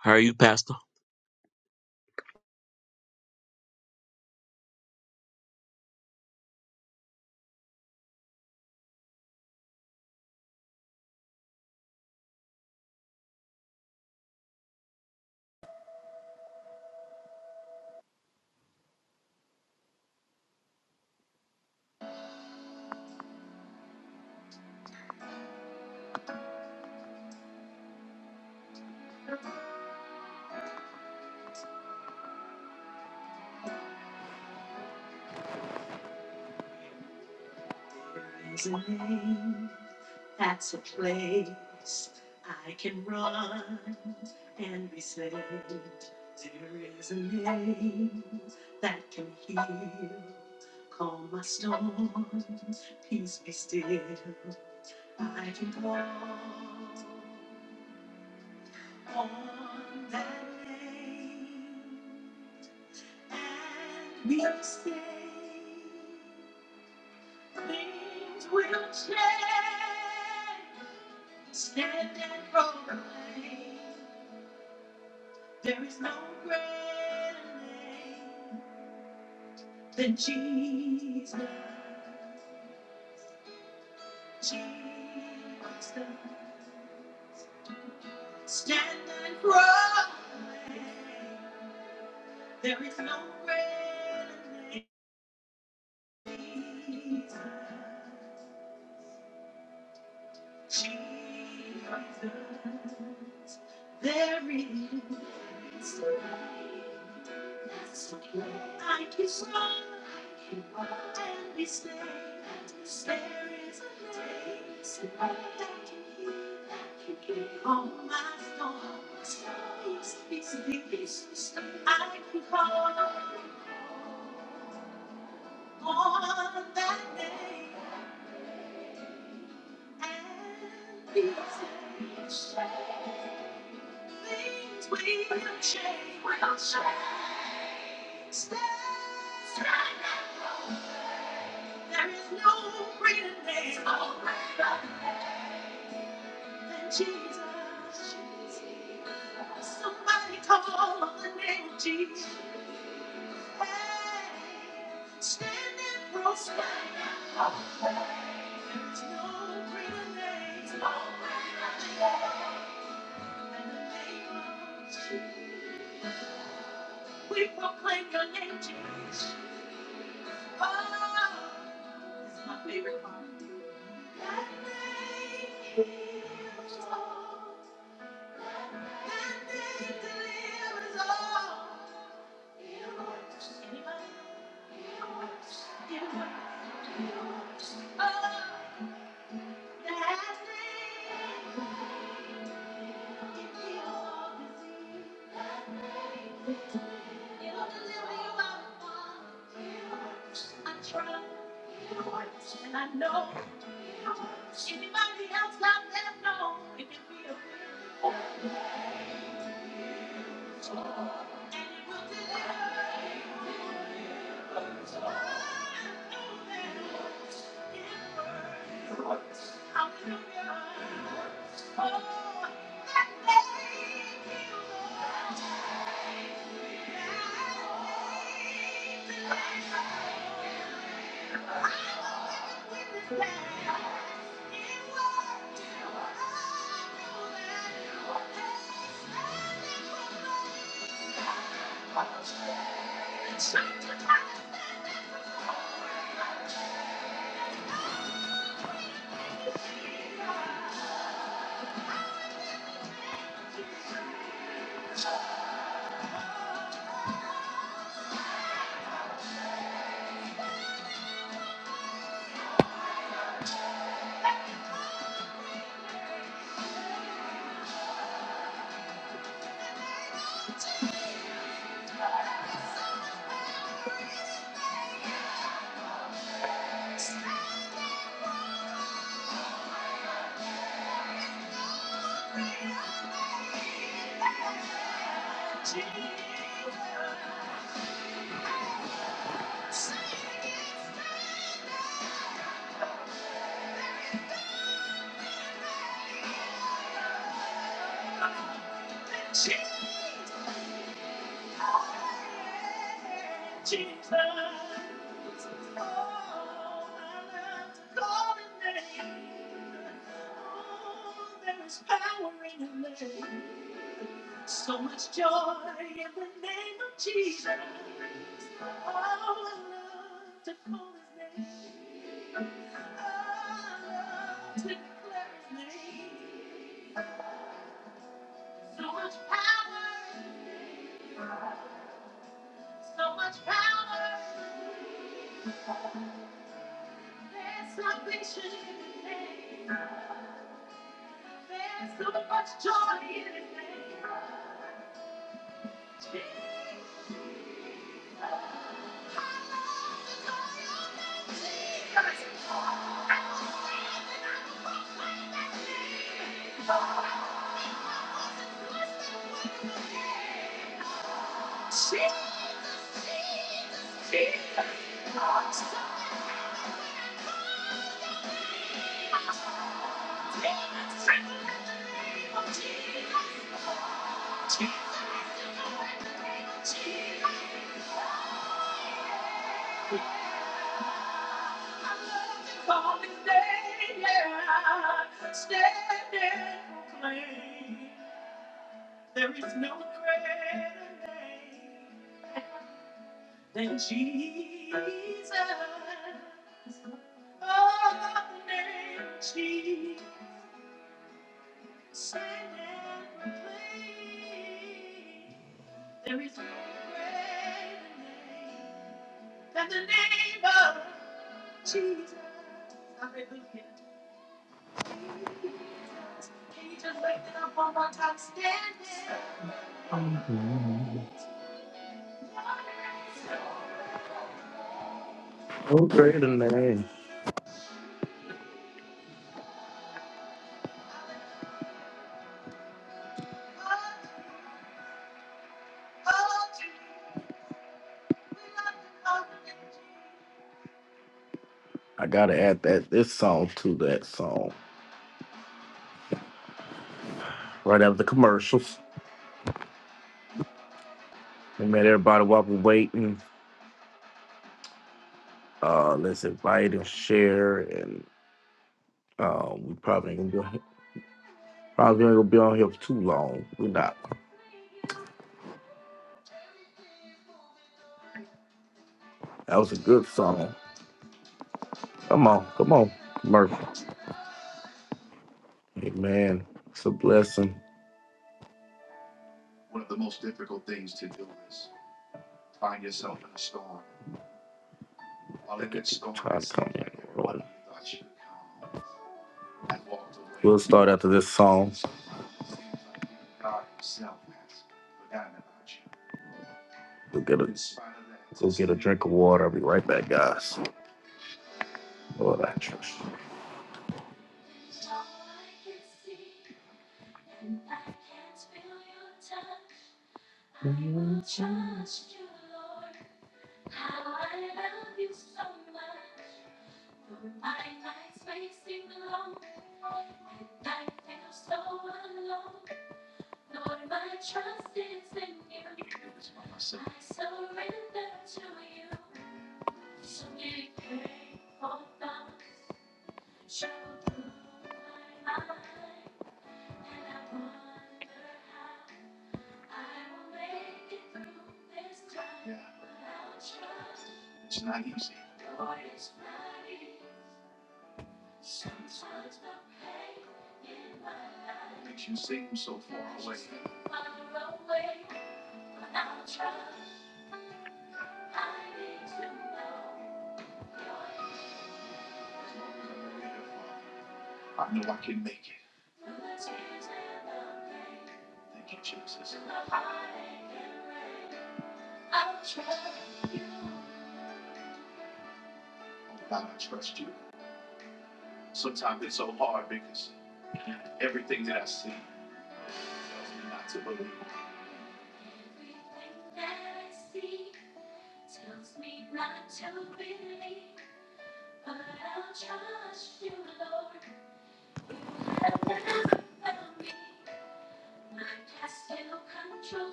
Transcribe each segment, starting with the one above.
How are you, Pastor? Okay, great I gotta add that this song to that song. Right after the commercials. We made everybody while we're waiting. Uh let's invite and share and um we probably ain't gonna be probably ain't gonna be on here for too long. We're not. That was a good song. Come on, come on, Murphy. Hey man, it's a blessing. Trying to come in. We'll start after this song. Go get a go get a drink of water. I'll be right back, guys. Lord, I trust you.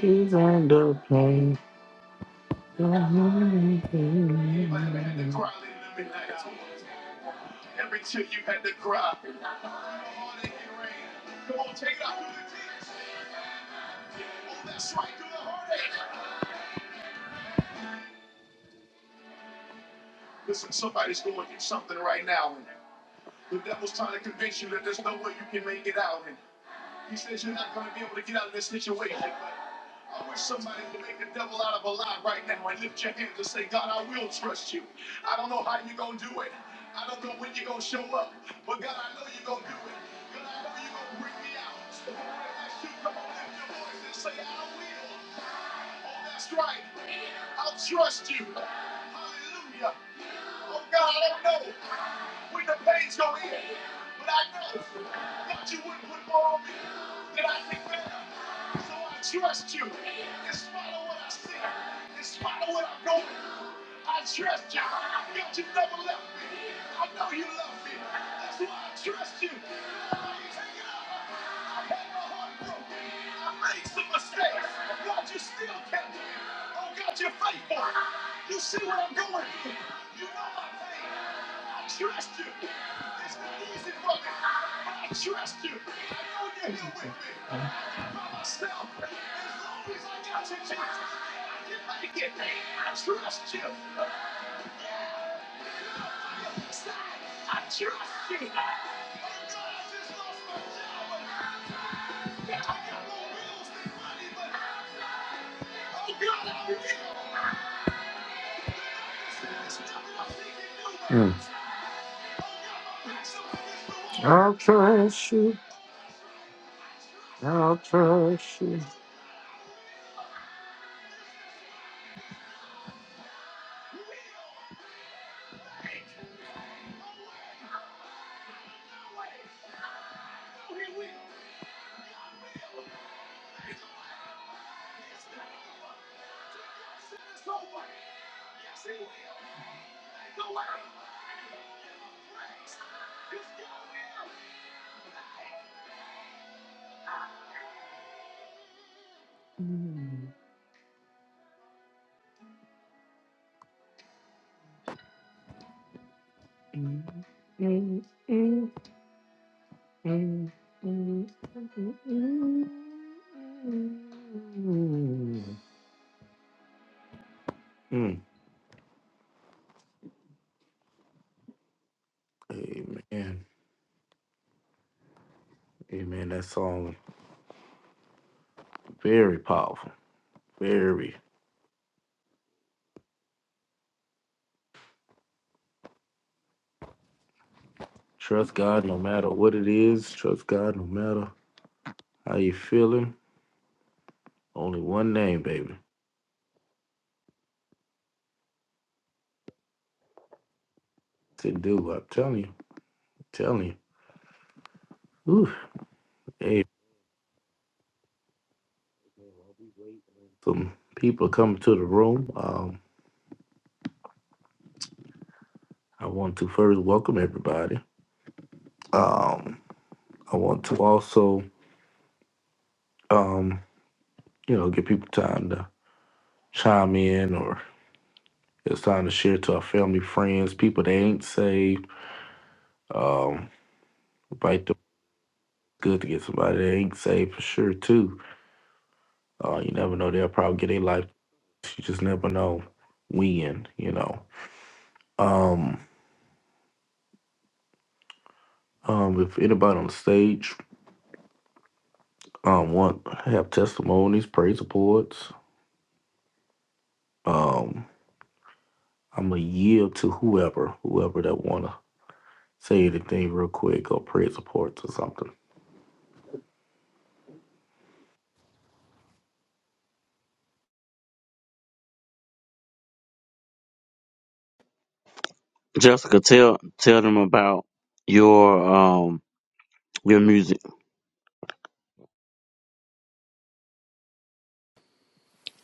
He's on the plane. Mm. I'll trust you. I'll trust you. Mm. Amen. Amen. That song very powerful. Very. Trust God no matter what it is. Trust God no matter how you feeling. Only one name, baby. To do. I'm telling you. I'm telling you. Ooh. Hey, some people coming to the room. Um, I want to first welcome everybody. Um, I want to also, um, you know, give people time to chime in or it's time to share to our family, friends, people that ain't saved. Um, invite them. Good to get somebody that ain't saved for sure too. Uh, you never know; they'll probably get their life. You just never know when. You know. Um, um, if anybody on the stage um want have testimonies, praise reports, um, I'm gonna yield to whoever, whoever that wanna. say anything real quick or praise reports or something. Jessica, tell tell them about your um your music.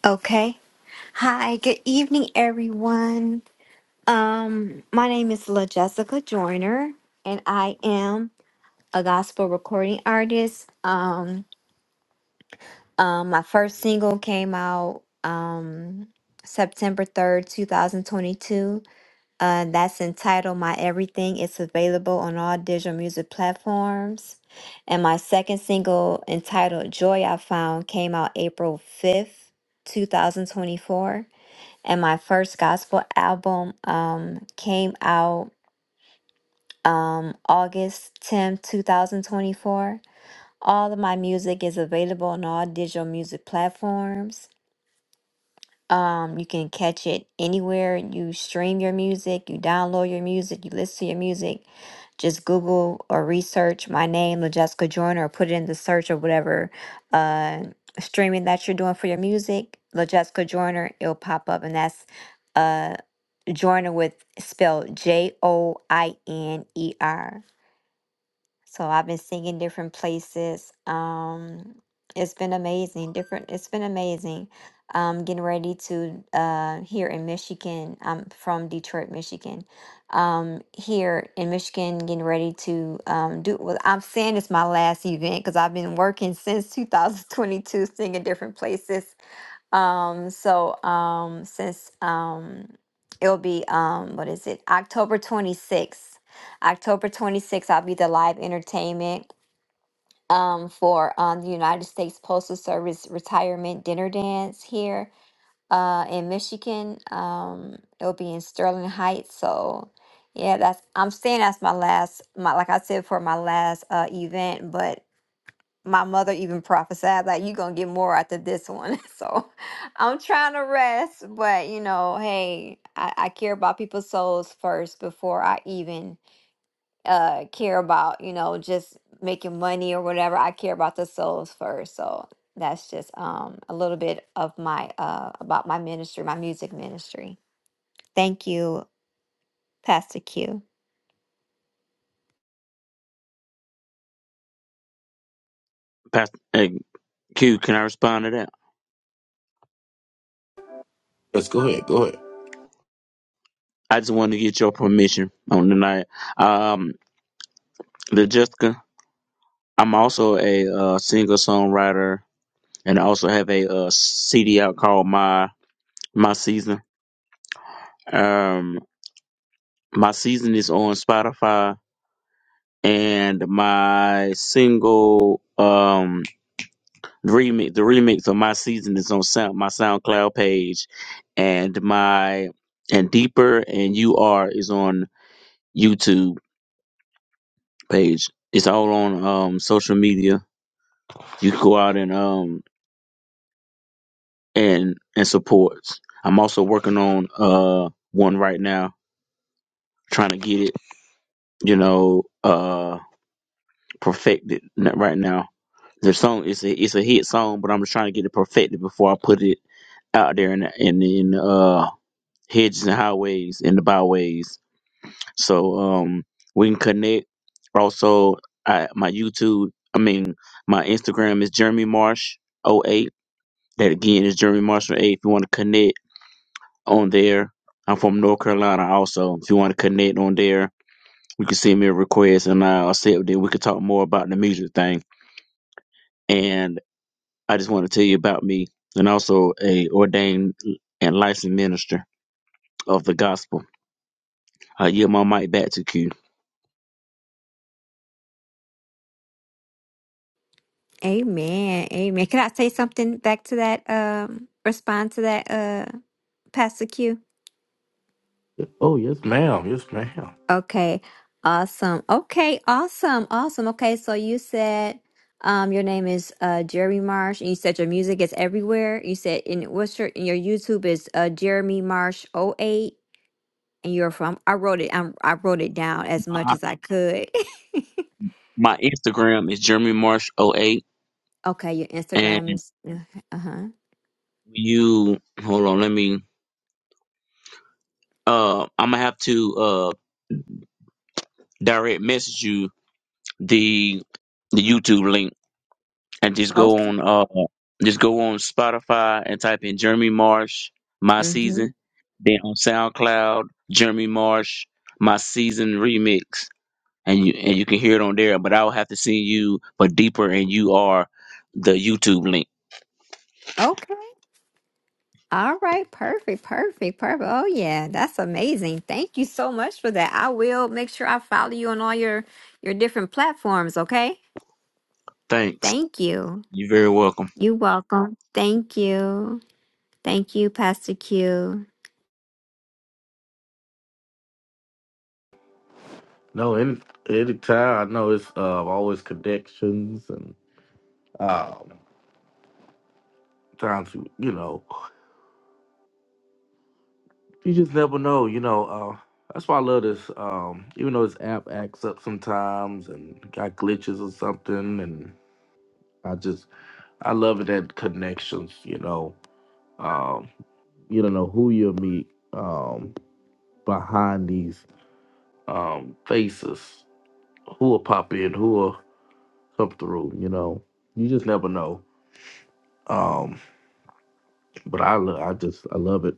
Okay. Hi, good evening, everyone. Um, my name is La Jessica Joyner, and I am a gospel recording artist. Um, um, my first single came out um September 3rd, 2022. Uh, that's entitled My Everything. It's available on all digital music platforms. And my second single, entitled Joy I Found, came out April 5th, 2024 and my first gospel album um, came out um, August 10th, 2024. All of my music is available on all digital music platforms. Um, you can catch it anywhere you stream your music, you download your music, you listen to your music. Just Google or research my name, LaJessica Joyner, or put it in the search or whatever uh, streaming that you're doing for your music. LaJessica Joyner, it'll pop up, and that's uh. Joiner with spelled J O I N E R. So I've been singing different places. Um, it's been amazing. Different. It's been amazing. Um, getting ready to uh here in Michigan. I'm from Detroit, Michigan. Um, here in Michigan, getting ready to um do. Well, I'm saying it's my last event because I've been working since 2022, singing different places um, so um, since um, it'll be um, what is it? October 26th. October 26th, I'll be the live entertainment um, for um, the United States Postal Service retirement dinner dance here uh, in Michigan. Um, it'll be in Sterling Heights. So yeah, that's I'm saying that's my last my like I said for my last uh, event, but my mother even prophesied like you're gonna get more after this one so i'm trying to rest but you know hey I, I care about people's souls first before i even uh care about you know just making money or whatever i care about the souls first so that's just um a little bit of my uh about my ministry my music ministry thank you pastor q Pastor hey, Q, can I respond to that? Let's go ahead. Go ahead. I just wanted to get your permission on tonight. Um, the Jessica, I'm also a uh, singer songwriter, and I also have a uh, CD out called My My Season. Um, my season is on Spotify, and my single um The remix, the remix of my season is on sound, my SoundCloud page, and my and deeper and you are is on YouTube page. It's all on um social media. You can go out and um and and support. I'm also working on uh one right now, trying to get it you know uh perfected n- right now. The song is a it's a hit song, but I'm just trying to get it perfected before I put it out there in in in uh hedges and highways and the byways. So um we can connect. Also, I, my YouTube, I mean my Instagram is Jeremy Marsh o eight. That again is Jeremy Marsh oh 08. If you want to connect on there, I'm from North Carolina. Also, if you want to connect on there, you can send me a request and I'll accept it. We could talk more about the music thing. And I just want to tell you about me and also a ordained and licensed minister of the gospel. I yield my mic back to Q. amen amen can i say something back to that um respond to that uh pastor q Oh yes, ma'am. Yes, ma'am. Okay, awesome. Okay, awesome, awesome. Okay, so you said um your name is uh Jeremy Marsh and you said your music is everywhere. You said in what's your and your YouTube is uh Jeremy Marsh oh eight, and you're from I wrote it I, I wrote it down as much as I could. my Instagram is Jeremy Marsh oh 08 Okay, your and Instagram is uh-huh. you hold on, let me uh I'm gonna have to uh direct message you the the YouTube link and just go Okay. on uh just go on Spotify and type in Jeremy Marsh My Mm-hmm. Season, then on SoundCloud, Jeremy Marsh My Season Remix and you and you can hear it on there, but I'll have to send you for deeper and you are the YouTube link. Okay. All right, perfect, perfect, perfect. Oh yeah, that's amazing. Thank you so much for that. I will make sure I follow you on all your your different platforms, okay? Thanks. Thank you. You're very welcome. You're welcome. Thank you. Thank you, Pastor Q. No, any anytime I know it's uh, always connections and um, times you you know you just never know. You know uh, that's why I love this. Um, even though this app acts up sometimes and got glitches or something, and I just I love it that connections. You know um, you don't know who you'll meet um, behind these um, faces who will pop in, who will come through. You know, you just never know. Um, but I, lo- I just, I love it.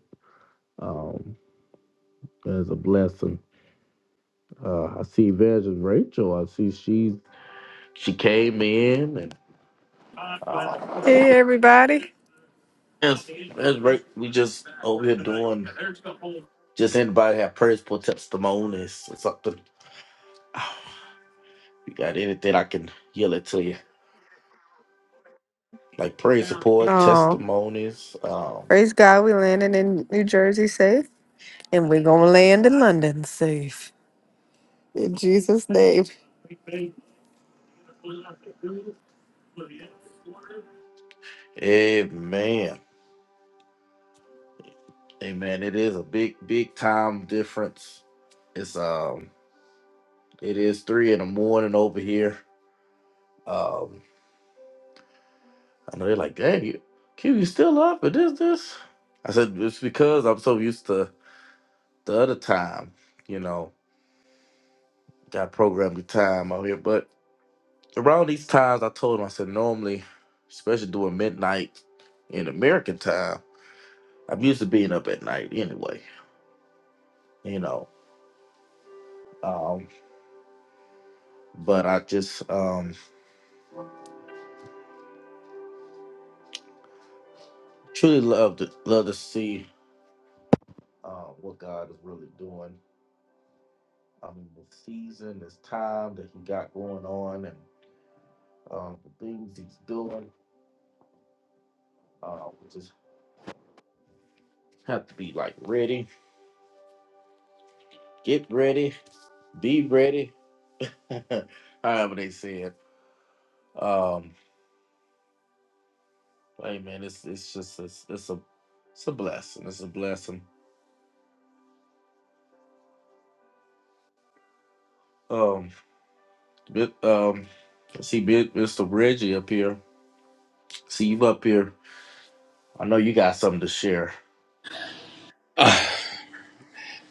Um, it's a blessing. Uh, I see Evangelist Rachel. I see she's she came in and uh, Hey everybody. that's that's right. We just over here doing just anybody have prayers for testimonies or something. You got anything I can yell it to you like prayer support Oh, testimonies. Um, praise God, we landing in New Jersey safe and we're going to land in London safe. In Jesus name. amen. Amen. it is a big, big time difference. It's um, it is three in the morning over here. Um, I know they're like, "Dang, you, Q, you still up? It is this?" I said, "It's because I'm so used to the other time. You know, got programmed the time out here. But around these times, I told him, I said, normally, especially during midnight in American time, I'm used to being up at night anyway. You know, um, but I just um, truly love to love to see." uh, what God is really doing. I mean, the season, this time that He got going on, and uh, the things He's doing. Uh, we just have to be like ready, get ready, be ready. However they say it. Um, hey man, it's it's just it's, it's a it's a blessing. It's a blessing. Um, bit, um, see, bit, Mr. Reggie up here. See you up here. I know you got something to share.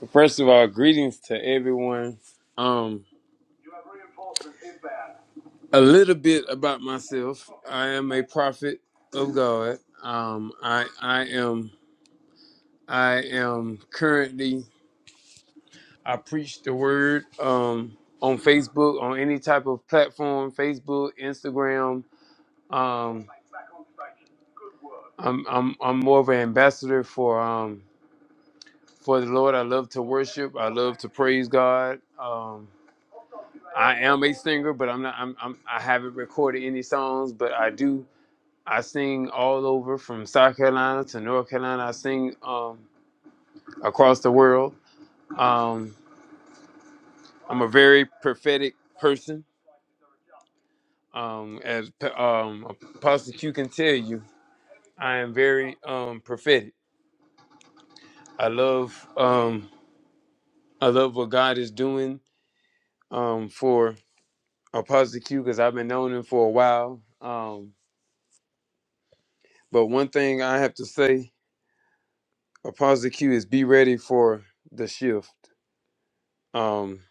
First of all, greetings to everyone. Um, a little bit about myself. I am a prophet of God. Um, I I am I am currently I preach the word um, on Facebook on any type of platform, Facebook, Instagram. Um, I'm I'm I'm more of an ambassador for um for the Lord. I love to worship. I love to praise God. Um, I am a singer, but I'm not. I'm, I'm. I haven't recorded any songs, but I do. I sing all over from South Carolina to North Carolina. I sing um, across the world. Um, I'm a very prophetic person. Um, as P- um, Apostle Q can tell you, I am very um, prophetic. I love. Um, I love what God is doing um, for Apostle Q because I've been knowing him for a while. Um, but one thing I have to say. A positive cue is be ready for the shift. Um,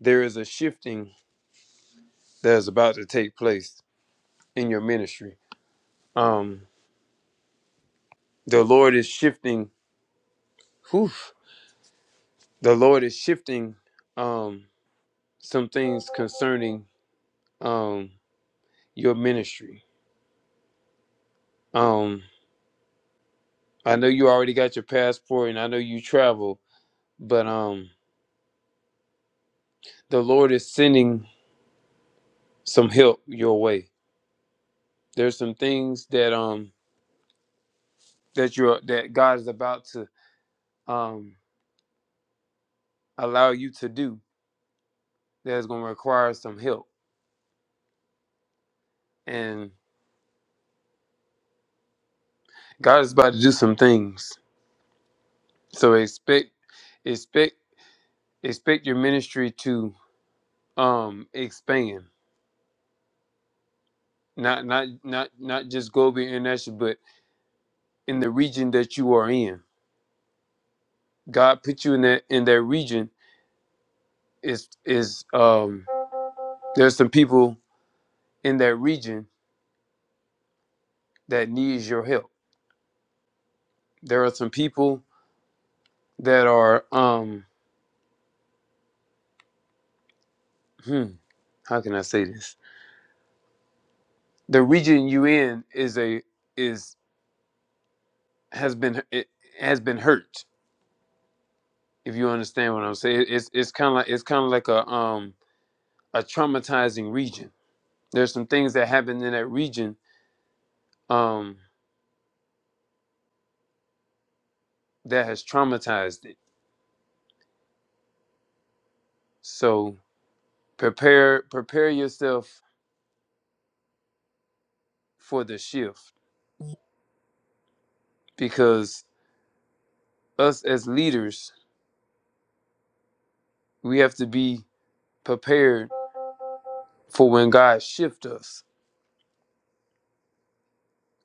there is a shifting that is about to take place in your ministry. Um, the Lord is shifting. Whew, the Lord is shifting um, some things concerning um, your ministry. Um, I know you already got your passport, and I know you travel, but um, the Lord is sending some help your way. There's some things that um that you that God is about to um allow you to do that's going to require some help and god is about to do some things so expect expect expect your ministry to um expand not not not not just global international but in the region that you are in god put you in that in that region is is um there's some people in that region that needs your help there are some people that are um hmm how can i say this the region you in is a is has been it has been hurt. If you understand what I'm saying, it's it's kind of like it's kind of like a um a traumatizing region. There's some things that happened in that region um that has traumatized it. So prepare prepare yourself for the shift because us as leaders we have to be prepared for when God shift us.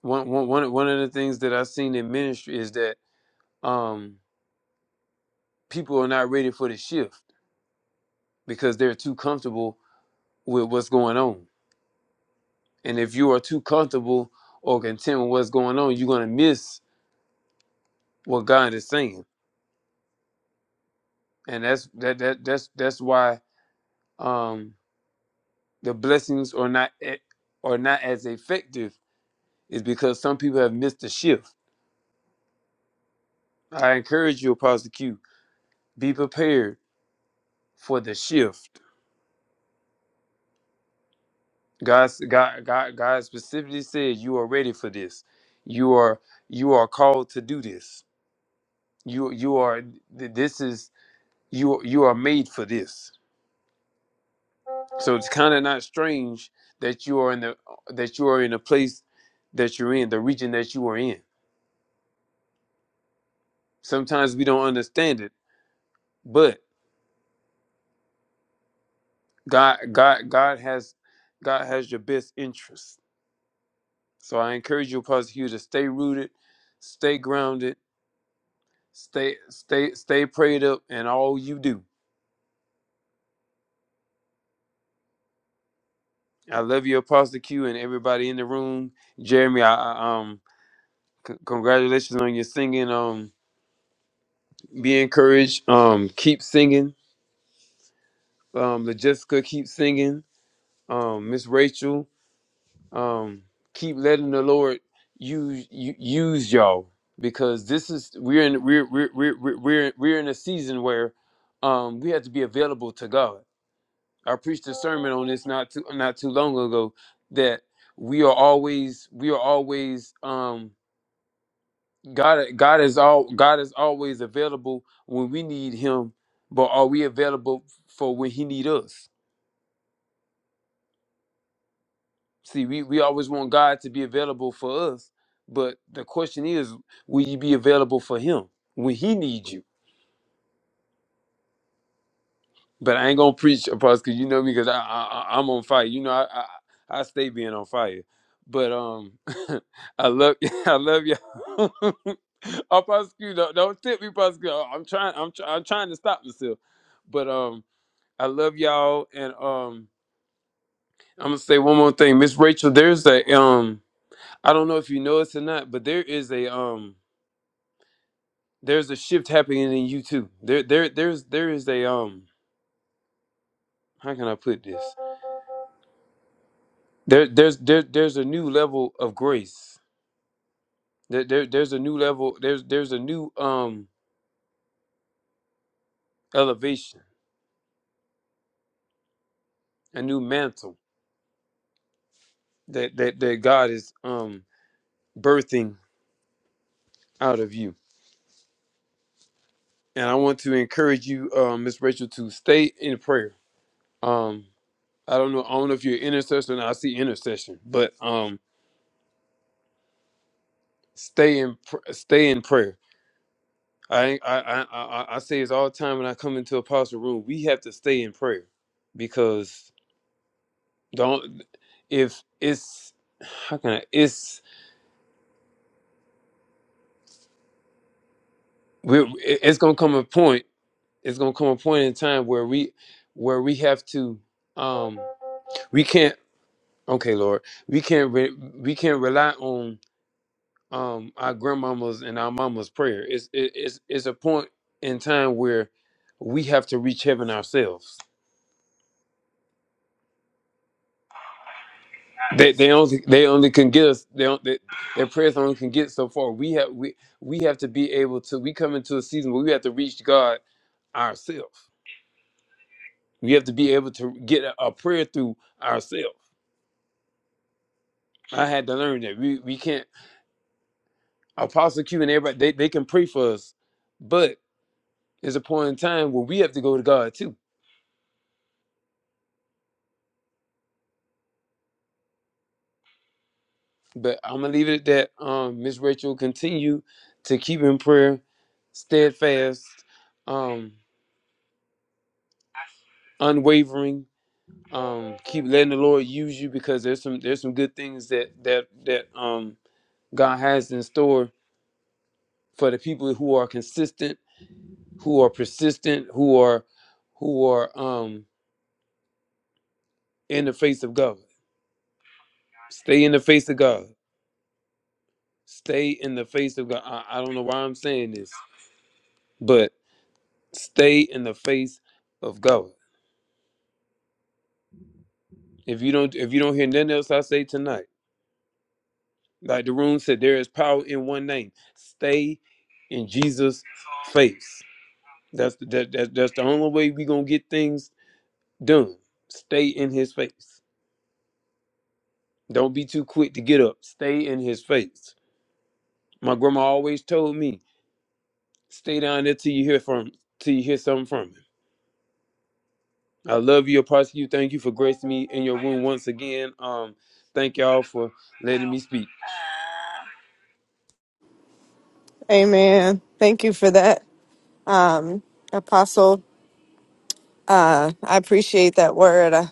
One one one one of the things that I've seen in ministry is that um people are not ready for the shift because they're too comfortable with what's going on. And if you are too comfortable or content with what's going on, you're gonna miss what God is saying. And that's that that that's that's why um the blessings are not e- are not as effective is because some people have missed the shift. I encourage you, Apostle Q, be prepared for the shift. God God, God, God specifically said you are ready for this. You are you are called to do this you you are this is you you are made for this so it's kind of not strange that you are in the that you are in the place that you're in the region that you are in sometimes we don't understand it but god god god has god has your best interest so i encourage you apostle hugh to stay rooted stay grounded stay stay stay prayed up in all you do i love you apostle q and everybody in the room jeremy i, I um C- congratulations on your singing. Um, be encouraged. Um, keep singing. Um, the Jessica, keep singing. Um, Miss Rachel, um, keep letting the Lord use u- use y'all because this is we're in we're we're we're we're we're we're in a season where um we have to be available to God. I preached a sermon on this not too not too long ago that we are always we are always um. God, God is all. God is always available when we need Him, but are we available for when He need us? See, we we always want God to be available for us, but the question is, will you be available for Him when He needs you? But I ain't gonna preach, Apostle, because you know me, because I, I I- I'm on fire. You know, I, I I stay being on fire. But um, I love I love y'all. Apostle, don't don't tip me, Apostle. I'm trying I'm try, I'm trying to stop myself, but um. I love y'all. And um, I'm gonna say one more thing, Miss Rachel. There's a um, I don't know if you know this or not, but there is a um, there's a shift happening in you too. There, there, there's there is a um, how can I put this? There, there's there, there's a new level of grace. There, there, there's a new level. There's there's a new um elevation, a new mantle that that that God is um birthing out of you. And I want to encourage you, um, Miss Rachel, to stay in prayer. Um, I don't know. I don't know if you're an intercessor, and I see intercession, but um, stay in pr- stay in prayer. I ain't- I I I, I I say this all the time when I come into a pastor room. We have to stay in prayer because don't if it's how can I it's we it's gonna come a point. It's gonna come a point in time where we where we have to um we can't okay Lord we can't re, we can't rely on um our grandmama's and our mama's prayer. It's it, it's it's a point in time where we have to reach heaven ourselves. They they only they only can get us they don't they, their prayers only can get so far. We have we we have to be able to we come into a season where we have to reach God ourselves. We have to be able to get a, a prayer through ourselves. I had to learn that we we can't Apostle Q and everybody they, they can pray for us, but there's a point in time where we have to go to God too But I'm gonna leave it at that. Um, Miss Rachel, continue to keep in prayer, steadfast, um, unwavering. Um, keep letting the Lord use you because there's some there's some good things that that that um God has in store for the people who are consistent, who are persistent, who are who are um in the face of God. Stay in the face of God. Stay in the face of God. I, I don't know why I'm saying this, but stay in the face of God If you don't if you don't hear nothing else I say tonight, like the room said, there is power in one name. Stay in Jesus' face. That's the, that, that that's the only way we're gonna get things done. Stay in his face. Don't be too quick to get up. Stay in his face. My grandma always told me, stay down there till you hear from till you hear something from him. I love you, Apostle. You thank you for gracing me in your room once again. Um, thank y'all for letting me speak. Amen. Thank you for that. Um apostle, uh I appreciate that word. Uh,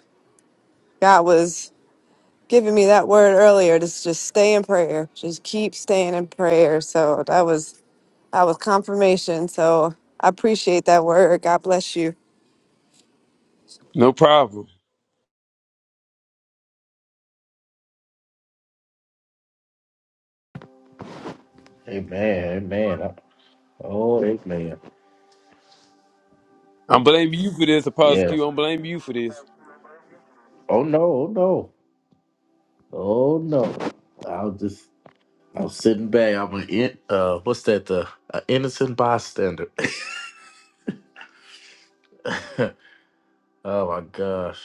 God was giving me that word earlier to s- just stay in prayer. Just keep staying in prayer. So that was that was confirmation. So I appreciate that word. God bless you. No problem. Amen. Amen. Oh, amen. I'm blaming you for this, Apostle Yes. Q. I'm blaming you for this. Oh no, oh no, oh no. I was just I was sitting back. I'm an in, uh, what's that? The an innocent bystander. oh my gosh,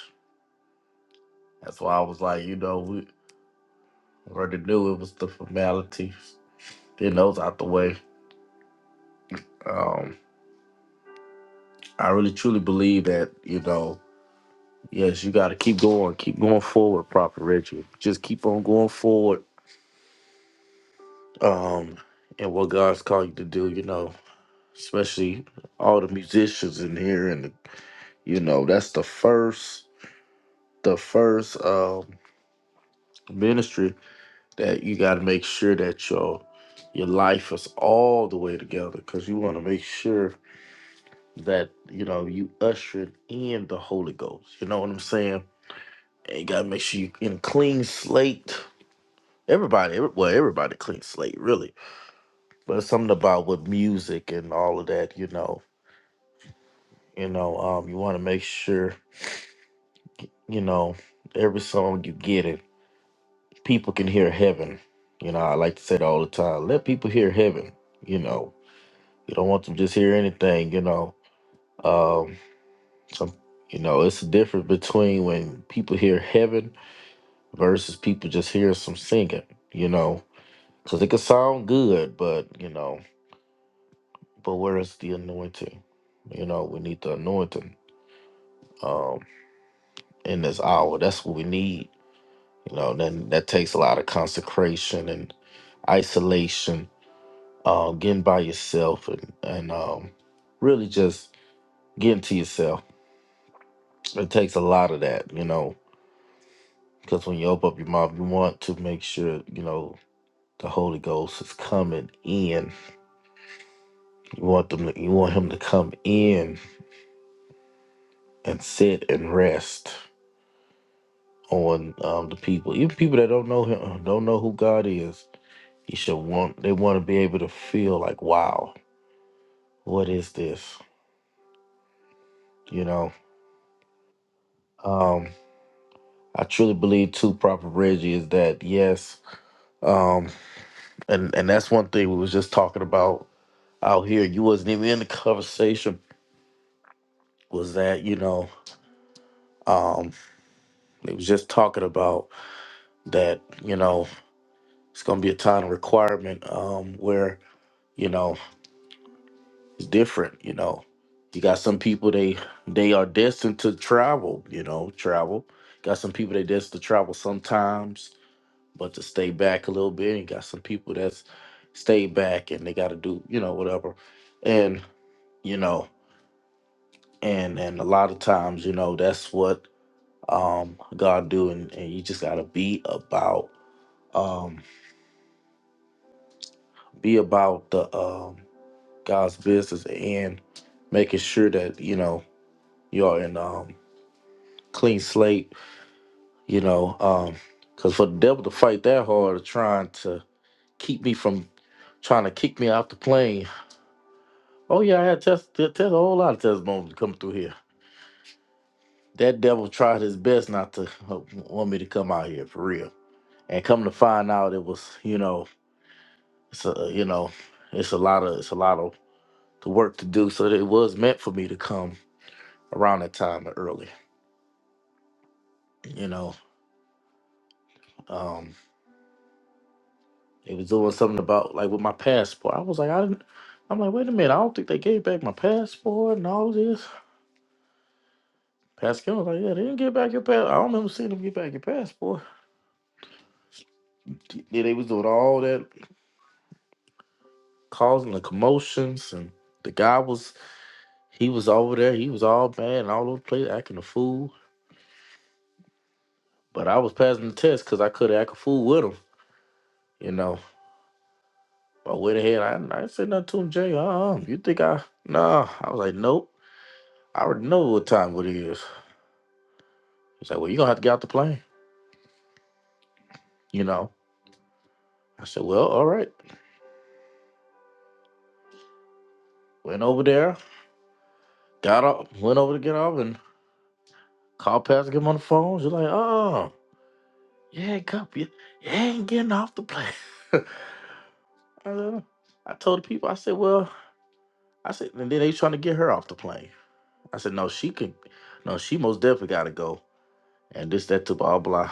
that's why I was like, you know, we already knew it was the formalities. Getting those out the way. Um, I really truly believe that you know, yes, you got to keep going, keep going forward, proper Richard. Just keep on going forward. Um, and what God's called you to do, you know, especially all the musicians in here and the You know, that's the first the first um ministry that you got to make sure that your your life is all the way together because you want to make sure that you know you ushering in the Holy Ghost. You know what I'm saying? And you got to make sure you in a clean slate. Everybody, every, well, everybody clean slate, really. But it's something about with music and all of that, you know. You know, um, you want to make sure, you know, every song you get in people can hear heaven. You know, I like to say that all the time. Let people hear heaven. You know, you don't want them just hear anything. You know, um, some, you know, it's a difference between when people hear heaven versus people just hear some singing. You know, because it could sound good, but you know, but where is the anointing? You know, we need the anointing um, in this hour. That's what we need. You know, then that takes a lot of consecration and isolation uh, getting by yourself and and um, really just getting to yourself. It takes a lot of that, you know, because when you open up your mouth, you want to make sure you know the Holy Ghost is coming in. You want them, to, you want Him to come in and sit and rest on um, the people, even people that don't know Him, don't know who God is. You should want they want to be able to feel like, wow, what is this? You know. Um, I truly believe too, Proper Reggie, is that yes, Um, and and that's one thing we was just talking about out here. You wasn't even in the conversation. Was that you know? Um, it was just talking about that. You know, it's gonna be a time of requirement. Um, where you know it's different. You know, you got some people they they are destined to travel. You know, travel. Got some people they destined to travel sometimes, but to stay back a little bit. And got some people that's stay back and they got to do you know whatever. And you know. and and a lot of times you know that's what um god do and, and you just gotta be about um be about the um god's business and making sure that you know you're in um clean slate you know um because for the devil to fight that hard trying to keep me from trying to kick me off the plane oh yeah i had test, test a whole lot of testimonies coming through here that devil tried his best not to uh, want me to come out here for real and come to find out it was you know it's a you know it's a lot of it's a lot of the work to do so it was meant for me to come around that time or early you know um it was doing something about like with my passport i was like i didn't i'm like wait a minute i don't think they gave back my passport and all this pascal was like yeah they didn't get back your passport i don't remember seeing them get back your passport yeah they was doing all that causing the commotions and the guy was he was over there he was all bad and all over the place acting a fool But I was passing the test because I could act a fool with him, you know. I went ahead. I, I ain't said nothing to him, Jay. Uh, you think I? Nah. I was like, nope. I already know what time it is. He's like, well, you gonna have to get out the plane, you know. I said, well, all right. Went over there, got off, went over to get off, and called Pastor, get him on the phone. She's like, oh, yeah, come, you, you ain't getting off the plane. I said, I told the people, I said, well, I said, and then they trying to get her off the plane. I said, no, she can, no, she most definitely got to go. and this, that, to blah, blah.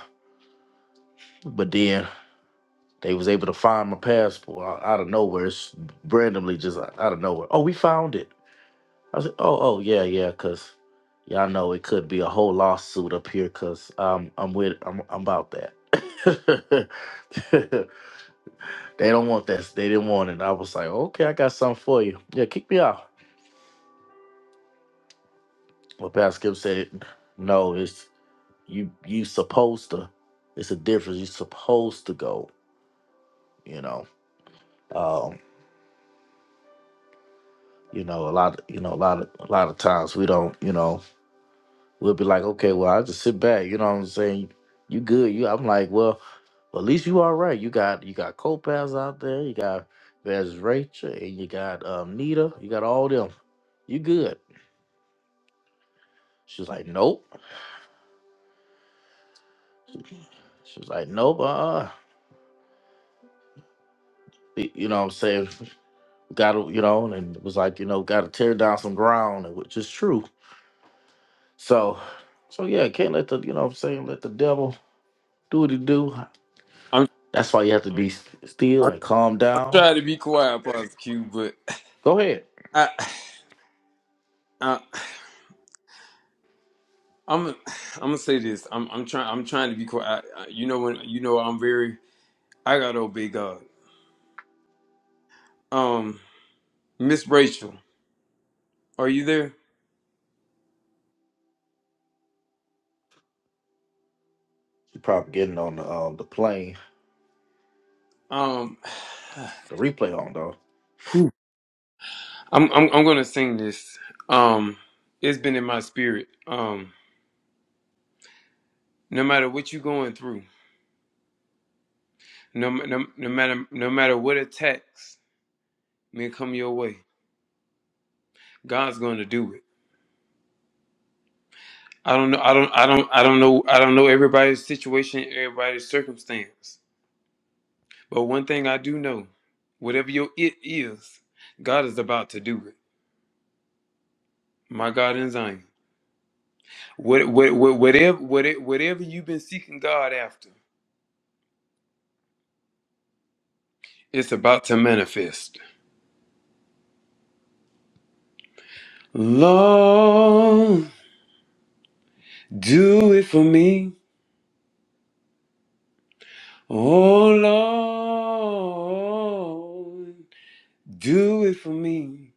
But then they was able to find my passport out, out of nowhere, it's randomly, just out out of nowhere. Oh, we found it. I said, oh, oh, yeah, yeah, cause y'all know it could be a whole lawsuit up here, cause um, I'm with, I'm, I'm about that. they don't want that. They didn't want it. I was like, okay, I got something for you. Yeah, kick me out. But Pastor Skip said, no, it's you. You supposed to. It's a difference. You supposed to go. You know. Um, you know a lot you know a lot of a lot of times we don't you know we'll be like okay well i just sit back you know what i'm saying you good you i'm like well well, at least you all right you got you got Copaz out there you got there's rachel and you got um nita you got all them you good she was like nope she was like nope uh-uh Y- you know what i'm saying gotta you know and it was like you know gotta tear down some ground and which is true so so yeah can't let the you know what i'm saying let the devil do what he do I'm, That's why you have to be s- I'm still and calm I'm down. trying to be quiet, Apostle Q, but Go ahead. I, I, I'm, I'm gonna say this. I'm, I'm trying, I'm trying to be quiet. I, I, you know when, you know, I'm very, I gotta obey God. Um, Miss Rachel, are you there? You're probably getting on the um the plane, Um, the replay on though. whew, I'm, I'm, I'm gonna sing this. Um, it's been in my spirit. Um, no matter what you're going through, no, no, no matter, no matter what attacks may come your way, God's gonna do it. I don't know. I don't. I don't. I don't know. I don't know everybody's situation, everybody's circumstance. But one thing I do know, whatever your it is, God is about to do it. My God in Zion. What, what, what, whatever, whatever, whatever you've been seeking God after, it's about to manifest. Lord, do it for me. Oh Lord, do it for me.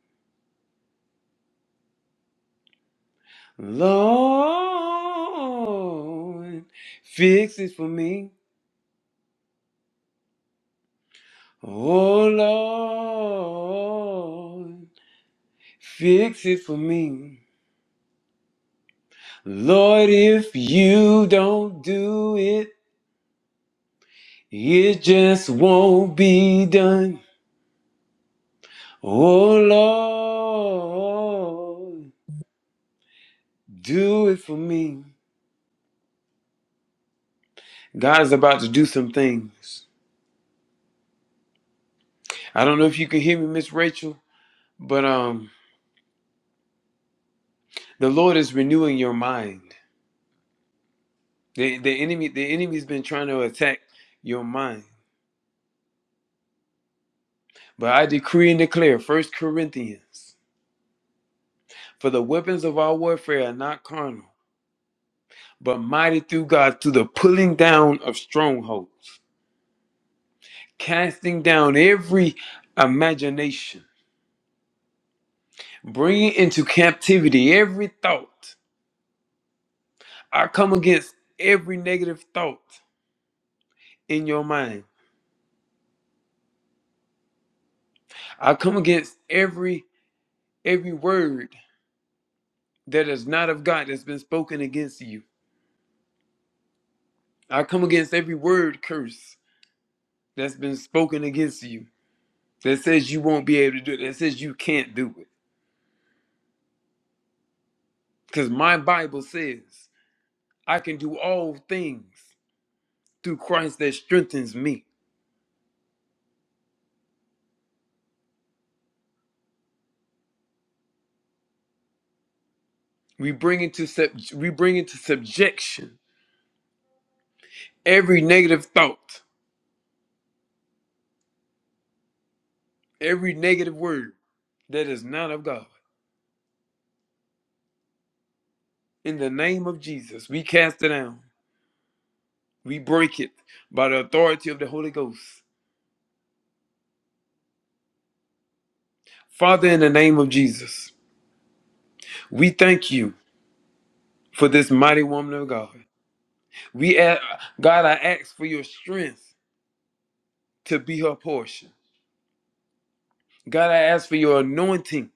Lord, fix it for me. Oh Lord, fix it for me. Lord, if you don't do it, it just won't be done. Oh Lord, do it for me. God's about to do some things. I don't know if you can hear me, Miss Rachel, but um, the Lord is renewing your mind. The the enemy the enemy's been trying to attack your mind. But I decree and declare, First Corinthians, for the weapons of our warfare are not carnal, but mighty through God to the pulling down of strongholds, casting down every imagination, bringing into captivity every thought. I come against every negative thought in your mind. I come against every every word that is not of God that's been spoken against you. I come against every word curse that's been spoken against you that says you won't be able to do it, that says you can't do it. Because my Bible says, I can do all things through Christ that strengthens me. We bring into sub- we bring into subjection every negative thought, every negative word that is not of God. In the name of Jesus, we cast it down. We break it by the authority of the Holy Ghost. Father, in the name of Jesus, we thank you for this mighty woman of God. We ask, God, I ask for your strength to be her portion. God, I ask for your anointing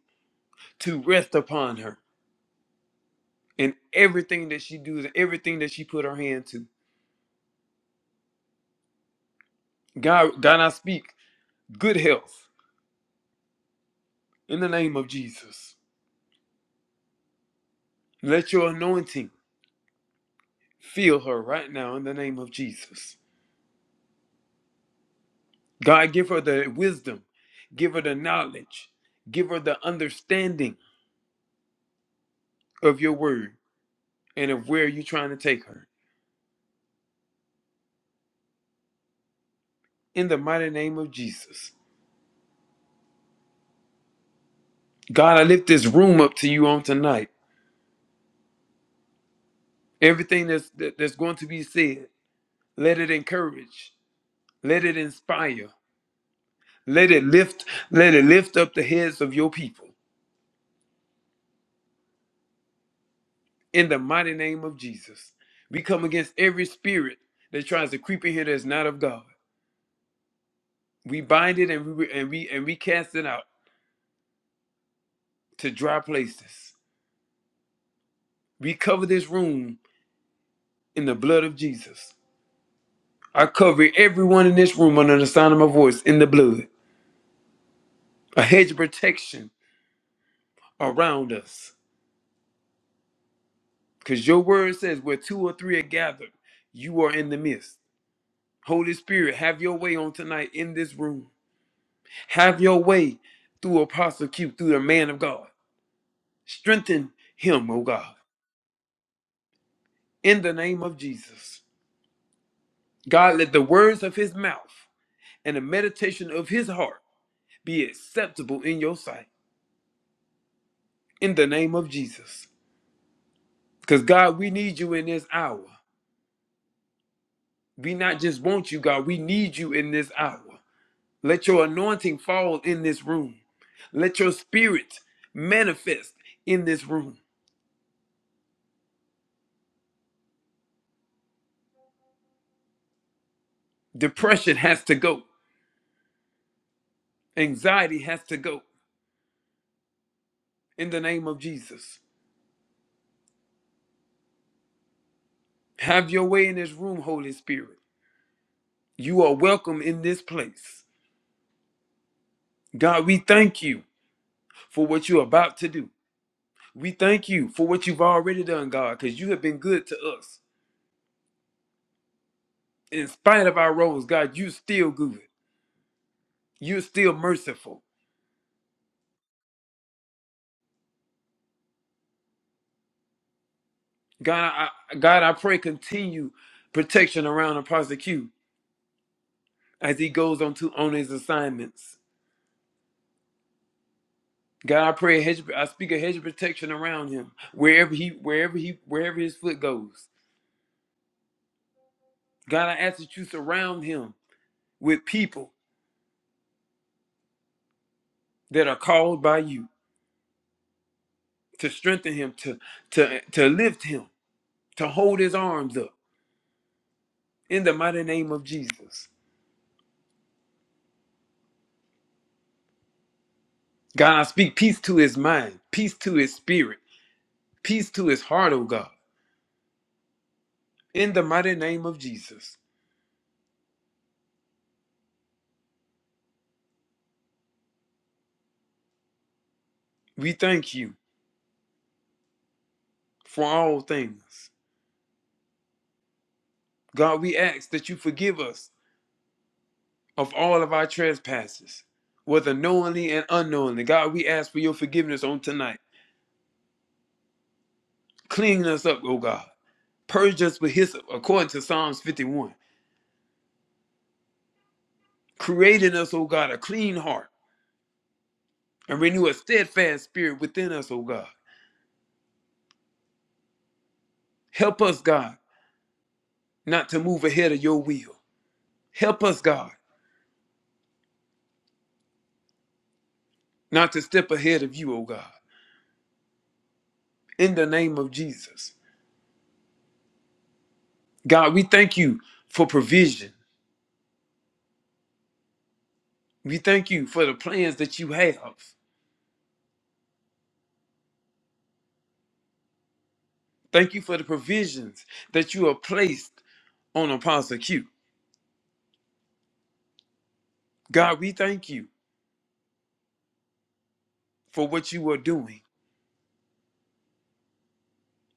to rest upon her in everything that she does, everything that she put her hand to. God, God, I speak good health in the name of Jesus. Let your anointing fill her right now in the name of Jesus. God, give her the wisdom, give her the knowledge, give her the understanding of your word and of where you're trying to take her. in the mighty name of Jesus. God, I lift this room up to you on tonight. Everything that's that- that's going to be said, let it encourage, let it inspire, let it lift, let it lift up the heads of your people in the mighty name of Jesus. We come against every spirit that tries to creep in here that's not of God. We bind it and we and we and we cast it out to dry places. We cover this room in the blood of Jesus. I cover everyone in this room under the sound of my voice in the blood. a hedge of protection around us. Because your word says, where two or three are gathered, you are in the midst. Holy Spirit, have your way on tonight in this room. Have your way through Apostle Q, through the man of God. Strengthen him, O God, in the name of Jesus. God, let the words of his mouth and the meditation of his heart be acceptable in your sight, in the name of Jesus. Because, God, we need you in this hour. We not just want you, God, we need you in this hour. Let your anointing fall in this room. Let your spirit manifest in this room. Depression has to go. Anxiety has to go in the name of Jesus. Have your way in this room, Holy Spirit. You are welcome in this place. God, we thank you for what you're about to do. We thank you for what you've already done, God, because you have been good to us. In spite of our wrongs, God, you're still good. You're still merciful. God, I, God, I pray continue protection around Apostle Q as he goes on to on his assignments. God, I pray a hedge, I speak a hedge of protection around him wherever he, wherever he, wherever his foot goes. God, I ask that you surround him with people that are called by you to strengthen him, to to to lift him, to hold his arms up in the mighty name of Jesus. God, I speak peace to his mind, peace to his spirit, peace to his heart, oh God, in the mighty name of Jesus. We thank you for all things. God, we ask that you forgive us of all of our trespasses, whether knowingly and unknowingly. God, we ask for your forgiveness on tonight. Clean us up, O God. Purge us with hyssop, according to Psalms 51. Create in us, O God, a clean heart and renew a steadfast spirit within us, O God. Help us, God, not to move ahead of your will. Help us, God, not to step ahead of you, O God. In the name of Jesus. God, we thank you for provision. We thank you for the plans that you have. Thank you for the provisions that you have placed on Apostle Q. God, we thank you for what you are doing.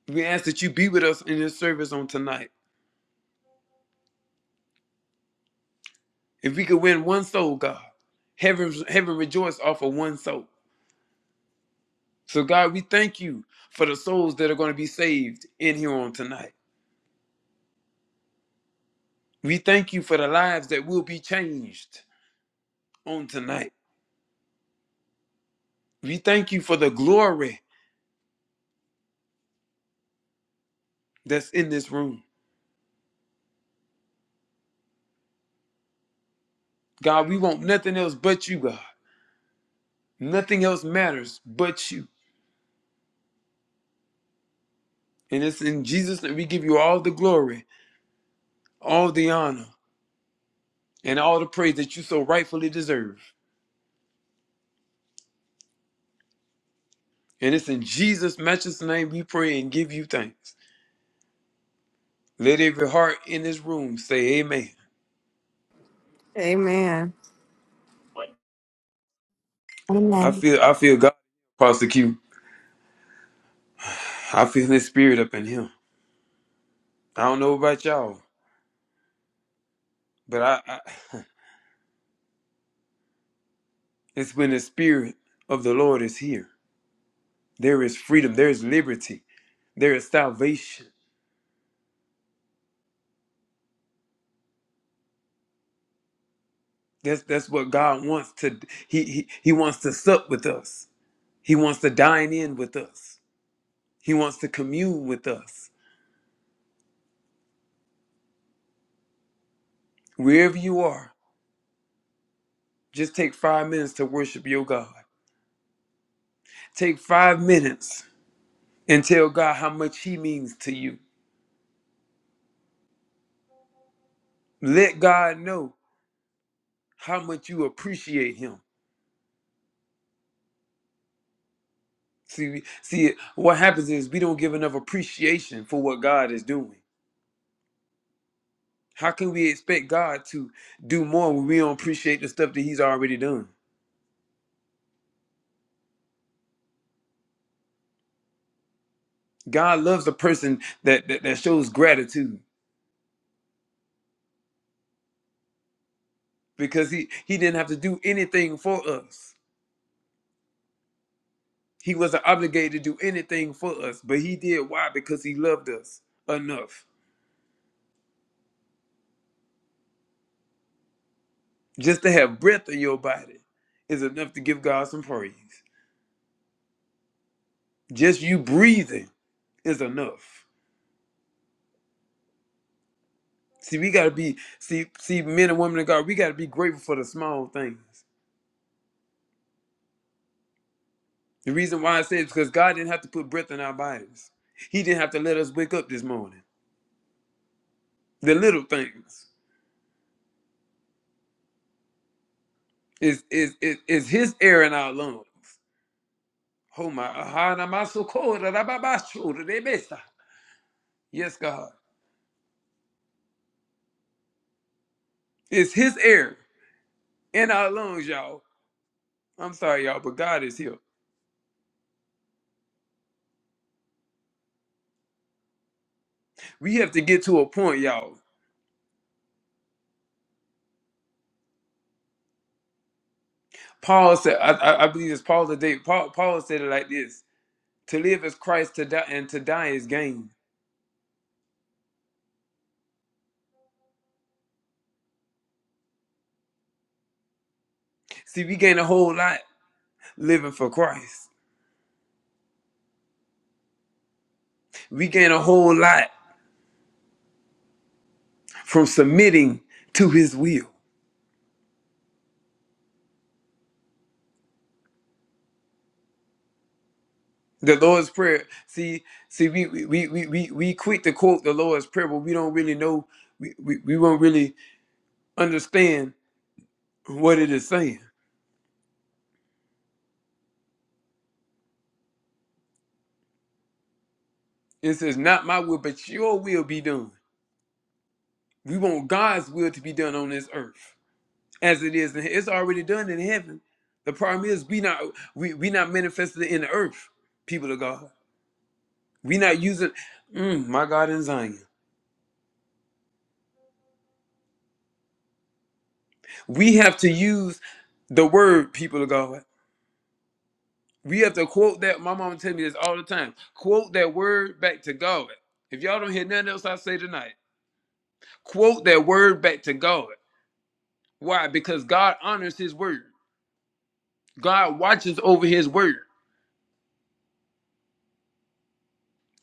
We ask that you be with us in this service on tonight. If we could win one soul, God, heaven, heaven rejoice off of one soul. So, God, we thank you for the souls that are going to be saved in here on tonight. We thank you for the lives that will be changed on tonight. We thank you for the glory that's in this room. God, we want nothing else but you, God. Nothing else matters but you. And it's in Jesus that we give you all the glory, all the honor, and all the praise that you so rightfully deserve. And it's in Jesus' matchless name we pray and give you thanks. Let every heart in this room say amen. Amen. I Amen. feel I feel God prosecute. I feel his spirit up in him. I don't know about y'all, but I, I it's when the spirit of the Lord is here. There is freedom, there is liberty, there is salvation. That's that's what God wants to he, he he wants to sup with us. He wants to dine in with us. He wants to commune with us. Wherever you are, just take 5 minutes to worship your God. Take 5 minutes and tell God how much he means to you. Let God know how much you appreciate him. See see what happens is we don't give enough appreciation for what God is doing. How can we expect God to do more when we don't appreciate the stuff that he's already done? God loves a person that, that that shows gratitude because he he didn't have to do anything for us. He wasn't obligated to do anything for us, but he did. Why? Because he loved us enough. Just to have breath in your body is enough to give God some praise. Just you breathing is enough. See, we gotta be see see men and women of God. We gotta be grateful for the small things. The reason why I say it's because God didn't have to put breath in our bodies. He didn't have to let us wake up this morning. The little things. is is is, is his air in our lungs. Oh my aha, na maso ko, da da ba ba sho, da de be sa. Yes, God. It's his air in our lungs, y'all. I'm sorry, y'all, but God is here. We have to get to a point, y'all. Paul said, I, I, I believe it's Paul today. Paul, Paul said it like this To live is Christ, to die, and to die is gain. See, we gain a whole lot living for Christ. We gain a whole lot from submitting to his will. The Lord's Prayer. See, see, we we we we we we quick to quote the Lord's Prayer, but we don't really know. We we we won't really understand what it is saying. It says, "Not my will, but your will be done." We want God's will to be done on this earth as it is. in he- It's already done in heaven. The problem is we not we we not manifested in the earth. People of God, we not using mm, my God in Zion. We have to use the word, people of God. We have to quote that. My mama tell me this all the time. Quote that word back to God. If y'all don't hear nothing else I say tonight, quote that word back to God. Why? Because God honors His word. God watches over His word.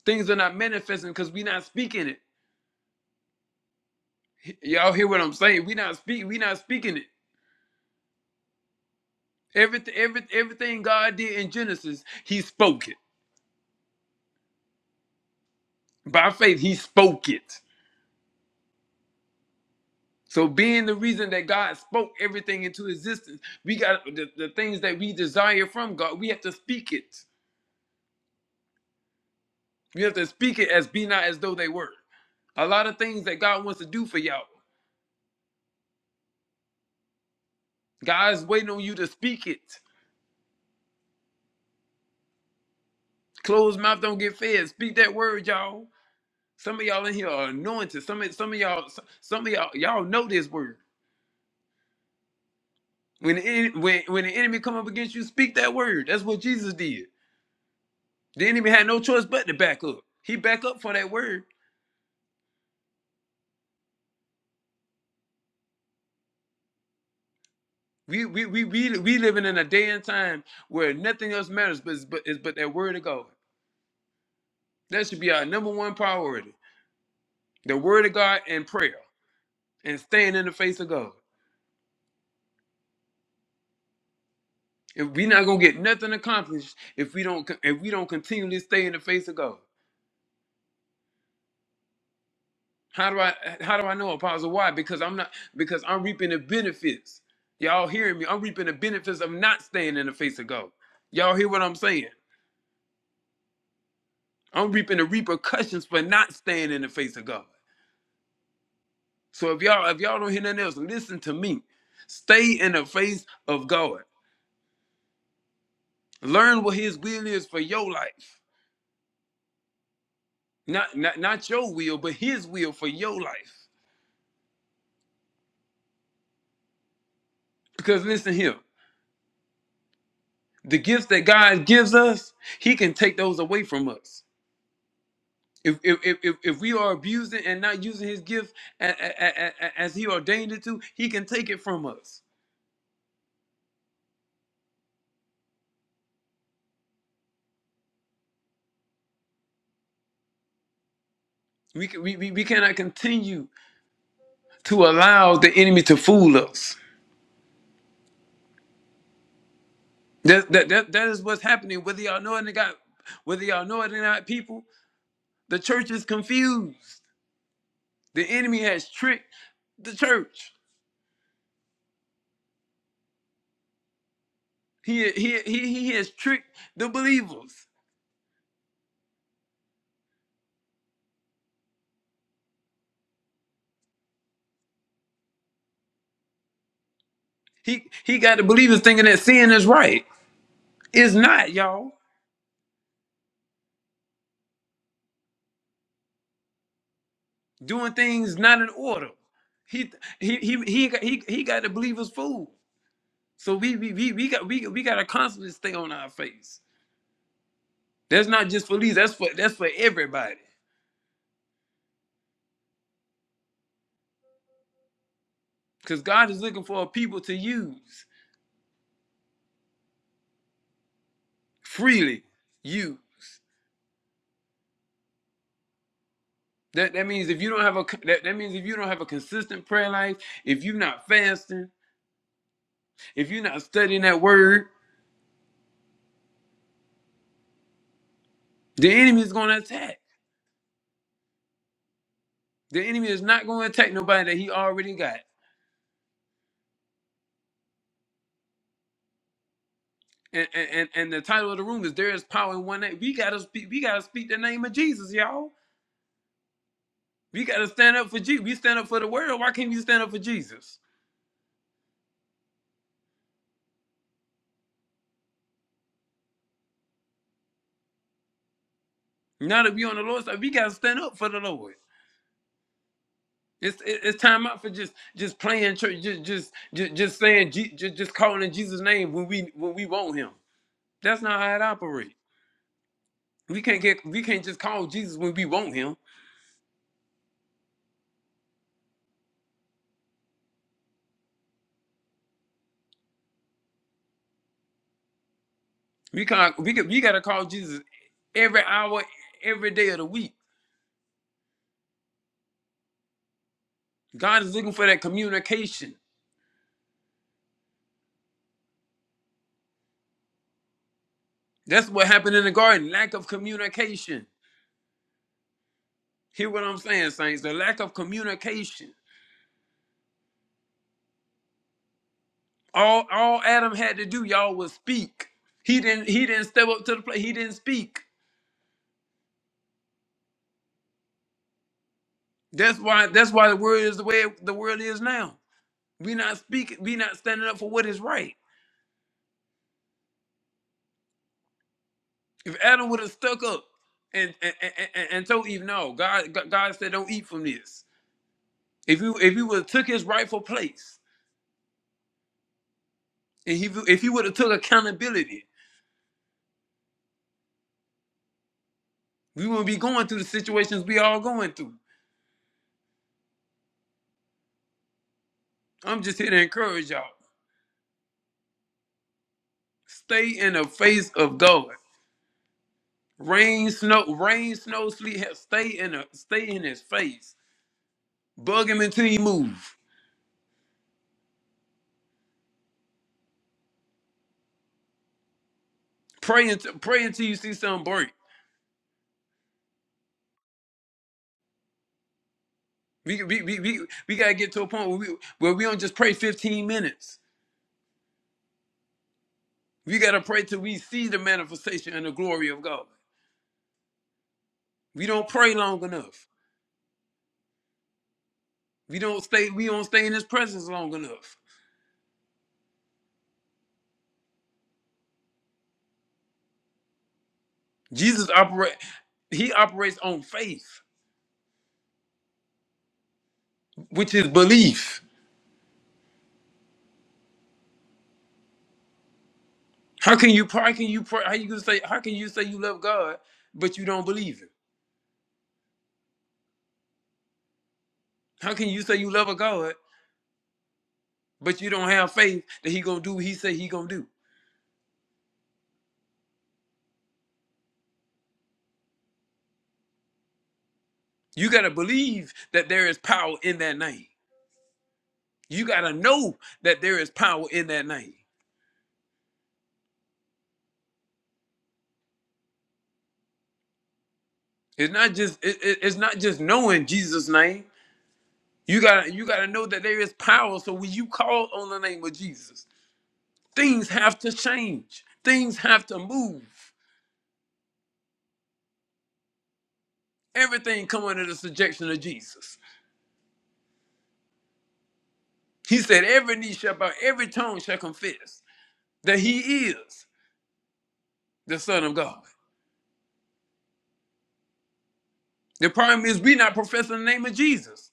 Things are not manifesting because we are not speaking it. H- Y'all hear what I'm saying? We not speak. We not speaking it. Everything, every, everything God did in Genesis, He spoke it by faith. He spoke it. So being the reason that God spoke everything into existence, we got the, the things that we desire from God, we have to speak it. We have to speak it as be not as though they were. A lot of things that God wants to do for y'all. God's waiting on you to speak it. Closed mouth don't get fed. Speak that word, y'all. Some of y'all in here are anointed. Some of some of y'all some of y'all y'all know this word. When the, en- when when the enemy come up against you, speak that word. That's what Jesus did. The enemy had no choice but to back up. He back up for that word We we we we we living in a day and time where nothing else matters but is but is but that word of God. That should be our number one priority. The word of God and prayer and staying in the face of God. If we are not gonna get nothing accomplished if we don't if we don't continually stay in the face of God. How do I how do I know apostle? Why? Because I'm not because I'm reaping the benefits. Y'all hearing me? I'm reaping the benefits of not staying in the face of God. Y'all hear what I'm saying? I'm reaping the repercussions for not staying in the face of God. So if y'all if y'all don't hear nothing else, listen to me. Stay in the face of God. Learn what His will is for your life, not not not your will, but His will for your life. Because listen here, the gifts that God gives us, He can take those away from us. If if if, if if we are abusing and not using His gift a- a- a- a- a- as He ordained it to, He can take it from us. We can, we, we we cannot continue to allow the enemy to fool us That, that, that, that is what's happening. Whether y'all know it or not, whether y'all know it or not, people, the church is confused. The enemy has tricked the church. He he he, he has tricked the believers. He he got the believers thinking that sin is right. It's not, y'all. Doing things not in order. He he he he got, he, he got the believers fooled. So we we we, we got we, we got to constantly stay on our face. That's not just for leaders. That's for that's for everybody. Because God is looking for a people to use. freely use. That that means if you don't have a that, that means if you don't have a consistent prayer life, if you're not fasting, if you're not studying that word, the enemy is gonna attack. The enemy is not gonna attack nobody that he already got. And and, and and the title of the room is There is Power in One Name. We gotta speak, we gotta speak the name of Jesus, y'all. We gotta stand up for Jesus. We stand up for the world. Why can't we stand up for Jesus? Now that we on the Lord's side, we gotta stand up for the Lord. It's it's time out for just just playing church, just just just, just saying Je- just, just calling in Jesus' name when we when we want Him. That's not how it operates. We can't get we can't just call Jesus when we want Him. We can we can, we gotta call Jesus every hour, every day of the week. God is looking for that communication. That's what happened in the garden. Lack of communication. Hear what I'm saying, saints? The lack of communication. All all Adam had to do, y'all, was speak. He didn't he didn't step up to the plate. He didn't speak. That's why that's why the world is the way the world is now. We not speaking, we not standing up for what is right. If Adam would have stuck up and and, and, and and told Eve, no, God God God said don't eat from this. If you if he would have took his rightful place and he if he would have took accountability, we wouldn't be going through the situations we all going through. I'm just here to encourage y'all. Stay in the face of God. Rain, snow, rain, snow, sleet. hell, Stay in a, stay in His face. Bug Him until He move. Pray until pray until you see something break. We we we we, we gotta get to a point where we where we don't just pray 15 minutes. We gotta pray till we see the manifestation and the glory of God. We don't pray long enough. We don't stay we don't stay in his presence long enough. Jesus operate he operates on faith, which is belief. How can you pray? How can you pray? How you gonna say how can you say you love God but you don't believe him? How can you say you love a God but you don't have faith that he gonna do what he say he gonna do? You got to believe that there is power in that name. You got to know that there is power in that name. It's not just it, it- it's not just knowing Jesus name. You got to you got to know that there is power so when you call on the name of Jesus, things have to change. Things have to move. Everything come under the subjection of Jesus. He said every knee shall bow, every tongue shall confess that he is the son of God. The problem is we not professing the name of Jesus.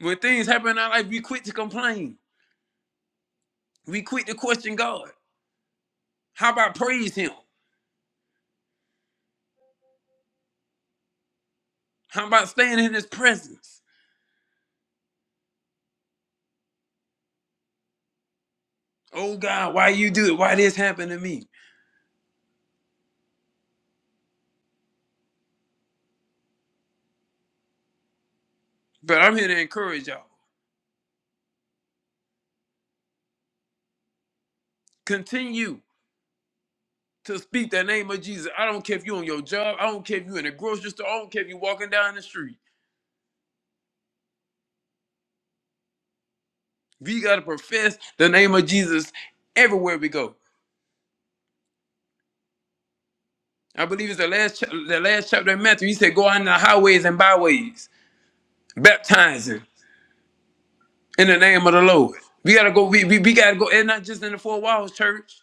When things happen in our life, we quit to complain. We quit to question God. How about praise Him? How about staying in His presence? Oh God, why you do it? Why this happened to me? But I'm here to encourage y'all. Continue to speak the name of Jesus. I don't care if you're on your job. I don't care if you're in a grocery store. I don't care if you're walking down the street. We gotta profess the name of Jesus everywhere we go. I believe it's the last cha- the last chapter of Matthew. He said, "Go out in the highways and byways, baptizing in the name of the Lord." We gotta go. We, we, we gotta go, and not just in the four walls, church.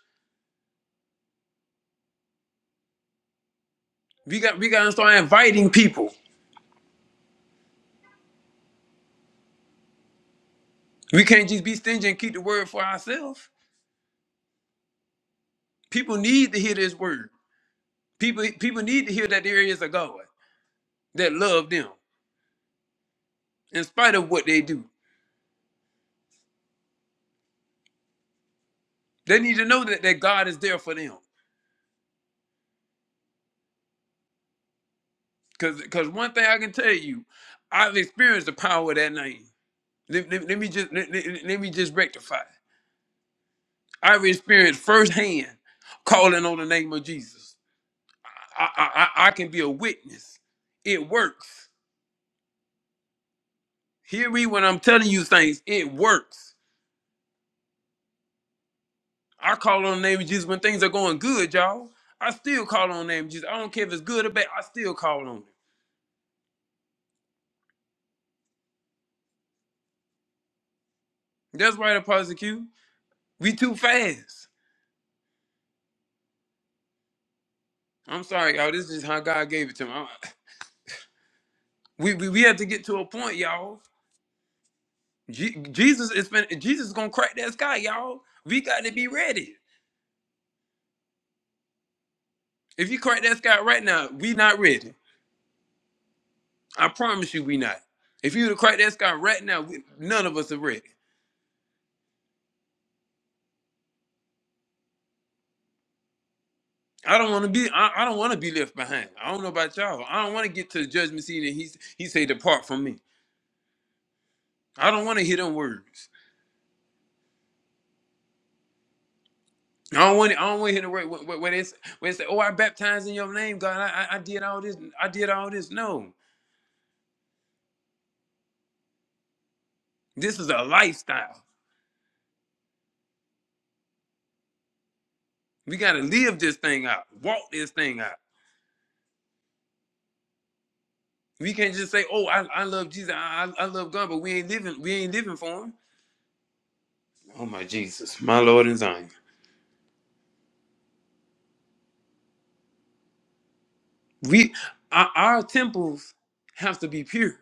We got we gotta start inviting people. We can't just be stingy and keep the word for ourselves. People need to hear this word. People people need to hear that there is a God that love them in spite of what they do. They need to know that, that God is there for them. Cause cause one thing I can tell you, I've experienced the power of that name. Let, let- let me just let, let- let me just rectify. I've experienced firsthand calling on the name of Jesus. I I, I I can be a witness. It works Hear me when I'm telling you things. It works. I call on the name of Jesus when things are going good, y'all. I still call on the name of Jesus. I don't care if it's good or bad. I still call on him. That's why the prosecute. We too fast. I'm sorry, y'all. This is how God gave it to me. I- We, we, we have to get to a point, y'all. Je- Jesus is fin- Jesus is gonna crack that sky, y'all. We got to be ready. If you crack that sky right now, we not ready. I promise you, we not. If you were to crack that sky right now, we, none of us are ready. I don't want to be. I, I don't want to be left behind. I don't know about y'all. I don't want to get to the judgment seat and he's he say, "Depart from me." I don't want to hear them words. I don't want. I don't want to hear the word where, where, where, they, s- where they say, "Oh, I baptized in your name, God. I, I I did all this. I did all this." No, this is a lifestyle. We gotta live this thing out. Walk this thing out. We can't just say, "Oh, I, I love Jesus. I, I I love God," but we ain't living. We ain't living for Him. Oh my Jesus, my Lord and Zion. We our, our temples have to be pure.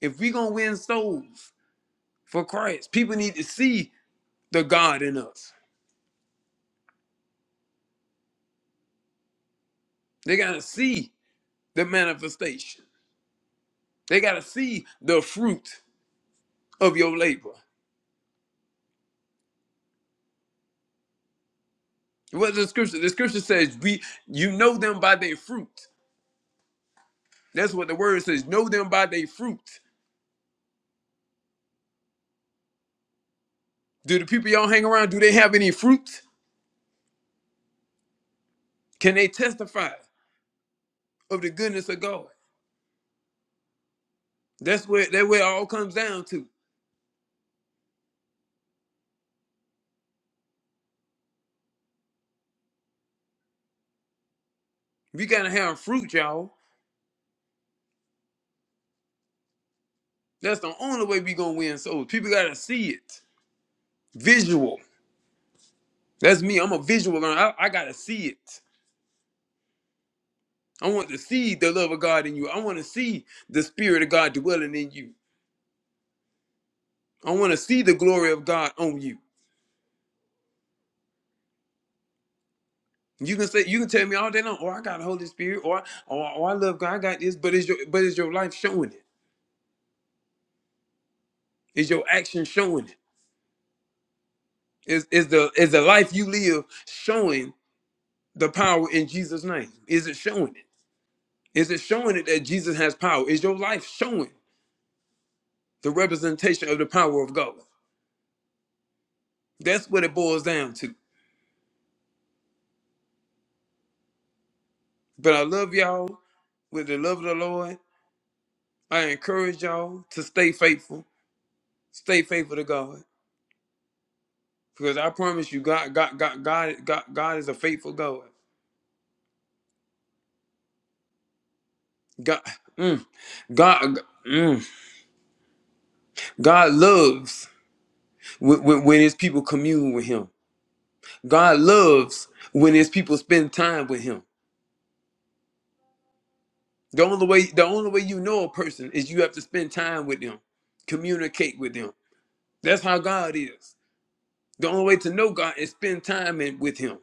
If we gonna win souls for Christ, people need to see the God in us. They gotta see the manifestation. They gotta see the fruit of your labor. What the scripture? The scripture says, "We you know them by their fruit." That's what the word says. Know them by their fruit. Do the people y'all hang around? Do they have any fruit? Can they testify of the goodness of God? That's where that where it all comes down to. We gotta have fruit, y'all. That's the only way we gonna win souls. People gotta see it, visual. That's me. I'm a visual learner. I, I gotta see it. I want to see the love of God in you. I want to see the spirit of God dwelling in you. I want to see the glory of God on you. You can say you can tell me all day long, Oh, I got the Holy Spirit, or or, or I love God, I got this, but is your but is your life showing it? Is your action showing it? Is is the is the life you live showing the power in Jesus' name? Is it showing it? Is it showing it that Jesus has power? Is your life showing the representation of the power of God? That's what it boils down to. But I love y'all with the love of the Lord. I encourage y'all to stay faithful. Stay faithful to God. Because I promise you, God, God, God, God, God, God is a faithful God. God, mm, God, mm, God loves when, when, when his people commune with him. God loves when his people spend time with him. The only way, the only way you know a person is you have to spend time with them, communicate with them. That's how God is. The only way to know God is spend time in, with him.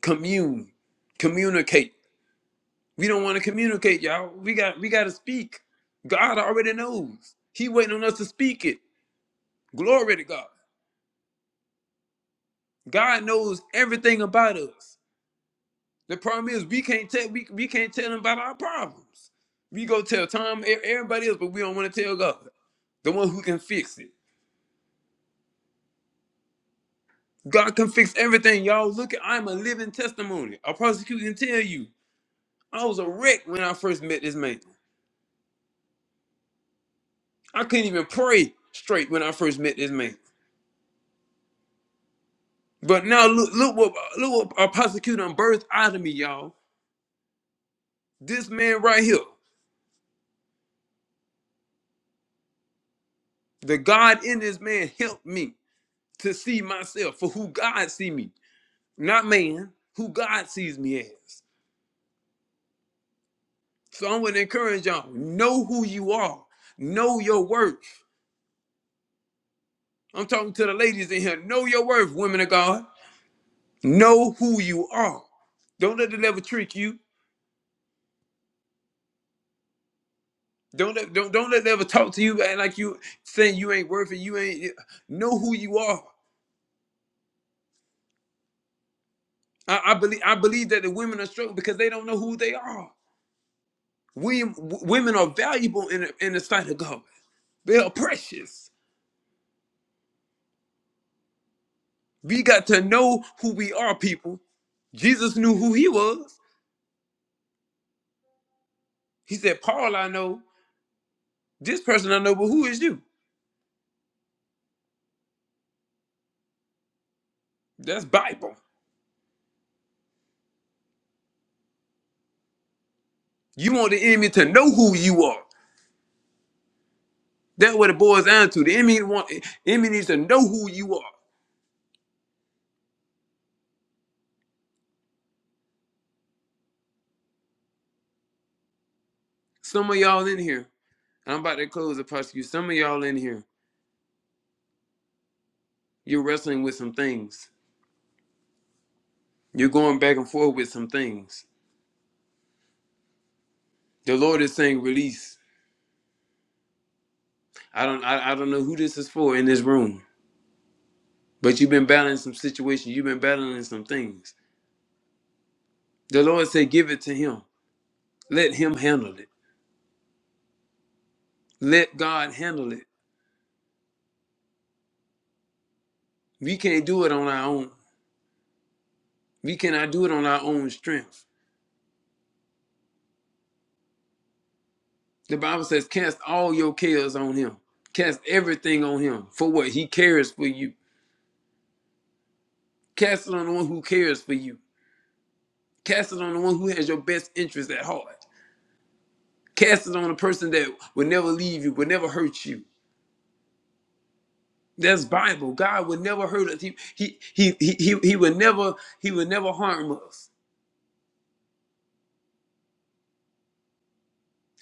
commune, communicate. We don't want to communicate, y'all. We got we got to speak. God already knows. He waiting on us to speak it. Glory to God. God knows everything about us. The problem is we can't tell we, we can't tell him about our problems. We go tell Tom e- everybody else, but we don't want to tell God, the one who can fix it. God can fix everything, y'all. Look at I'm a living testimony. A prosecutor can tell you I was a wreck when I first met this man. I couldn't even pray straight when I first met this man. But now look, look what look what our prosecutor done birthed out of me, y'all. This man right here, the God in this man helped me to see myself for who God see me, not man, who God sees me as. So I'm gonna encourage y'all, know who you are, know your worth. I'm talking to the ladies in here, know your worth, women of God. Know who you are. Don't let the devil trick you. Don't let don't don't let the devil talk to you act like you saying you ain't worth it. You ain't know who you are. I, I believe I believe that the women are struggling because they don't know who they are. We w- women are valuable in the, in the sight of God. They are precious. We got to know who we are, people. Jesus knew who he was. He said, "Paul, I know this person I know, but who is you?" That's Bible. You want the enemy to know who you are. That's what it boils down to. The enemy want enemy needs to know who you are. Some of y'all in here, I'm about to close the prosecute. Some of y'all in here, you're wrestling with some things You're going back and forth with some things. The Lord is saying release. I don't I, I don't know who this is for in this room, but you've been battling some situations. You've been battling some things. The Lord said, give it to him. Let him handle it. Let God handle it. We can't do it on our own. We cannot do it on our own strength. The Bible says, cast all your cares on him. Cast everything on him for what he cares for you. Cast it on the one who cares for you. Cast it on the one who has your best interest at heart. Cast it on a person that will never leave you, will never hurt you. That's Bible. God will never hurt us. He he he he he, he will never he will never harm us.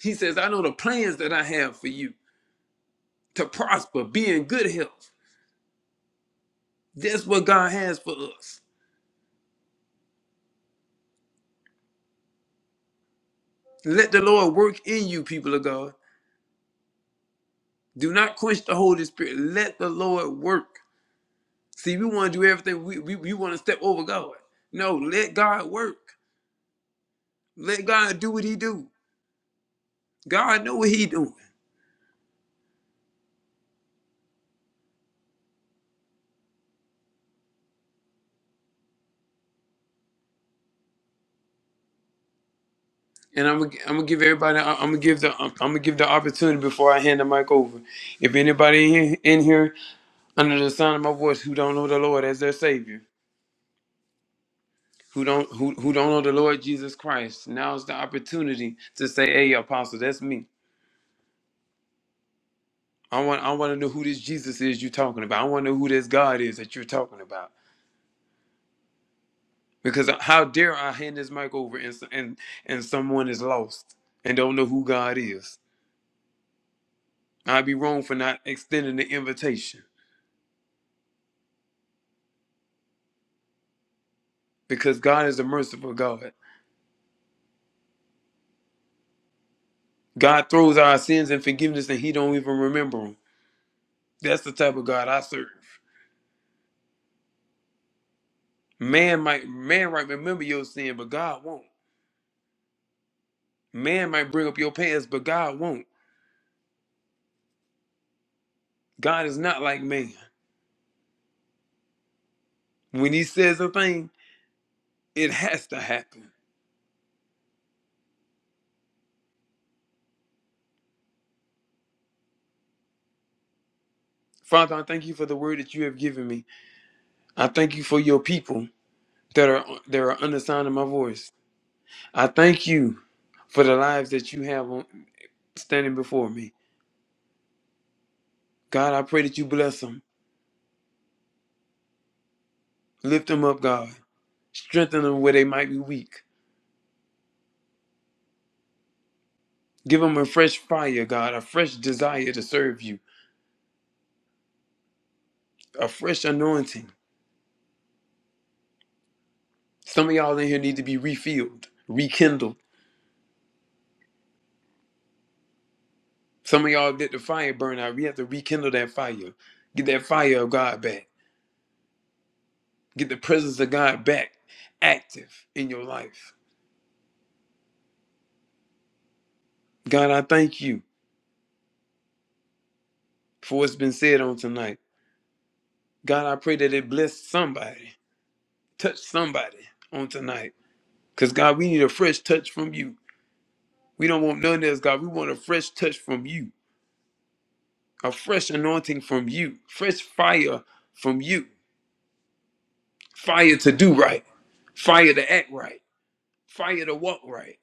He says, I know the plans that I have for you to prosper, be in good health. That's what God has for us. Let the Lord work in you, people of God. Do not quench the Holy Spirit. Let the Lord work. See, we want to do everything. We, we, we want to step over God. No, let God work. Let God do what he do. God know what he doing. and I'm gonna, I'm gonna give everybody. I'm gonna give the. I'm gonna give the opportunity before I hand the mic over. If anybody in, in here under the sound of my voice who don't know the Lord as their Savior, who don't who who don't know the Lord Jesus Christ, now's the opportunity to say, "Hey, Apostle, that's me. I want I want to know who this Jesus is you're talking about. I want to know who this God is that you're talking about." Because how dare I hand this mic over and s- and and someone is lost and don't know who God is? I'd be wrong for not extending the invitation. because God is a merciful God. God throws our sins and forgiveness, and He don't even remember them. That's the type of God I serve. Man might man might remember your sin, but God won't. Man might bring up your past, but God won't. God is not like man. When He says a thing, it has to happen. Father, I thank you for the word that you have given me. I thank you for your people that are that are under the sound of my voice. I thank you for the lives that you have on, standing before me. God, I pray that you bless them. Lift them up, God. Strengthen them where they might be weak. Give them a fresh fire, God, a fresh desire to serve you, a fresh anointing. Some of y'all in here need to be refilled, rekindled. Some of y'all let the fire burn out. We have to rekindle that fire. Get that fire of God back. Get the presence of God back active in your life. God, I thank you for what's been said on tonight. God, I pray that it bless somebody, touch somebody on tonight. Because, God, we need a fresh touch from you. We don't want none of this, God. We want a fresh touch from you, a fresh anointing from you, fresh fire from you, fire to do right, fire to act right, fire to walk right,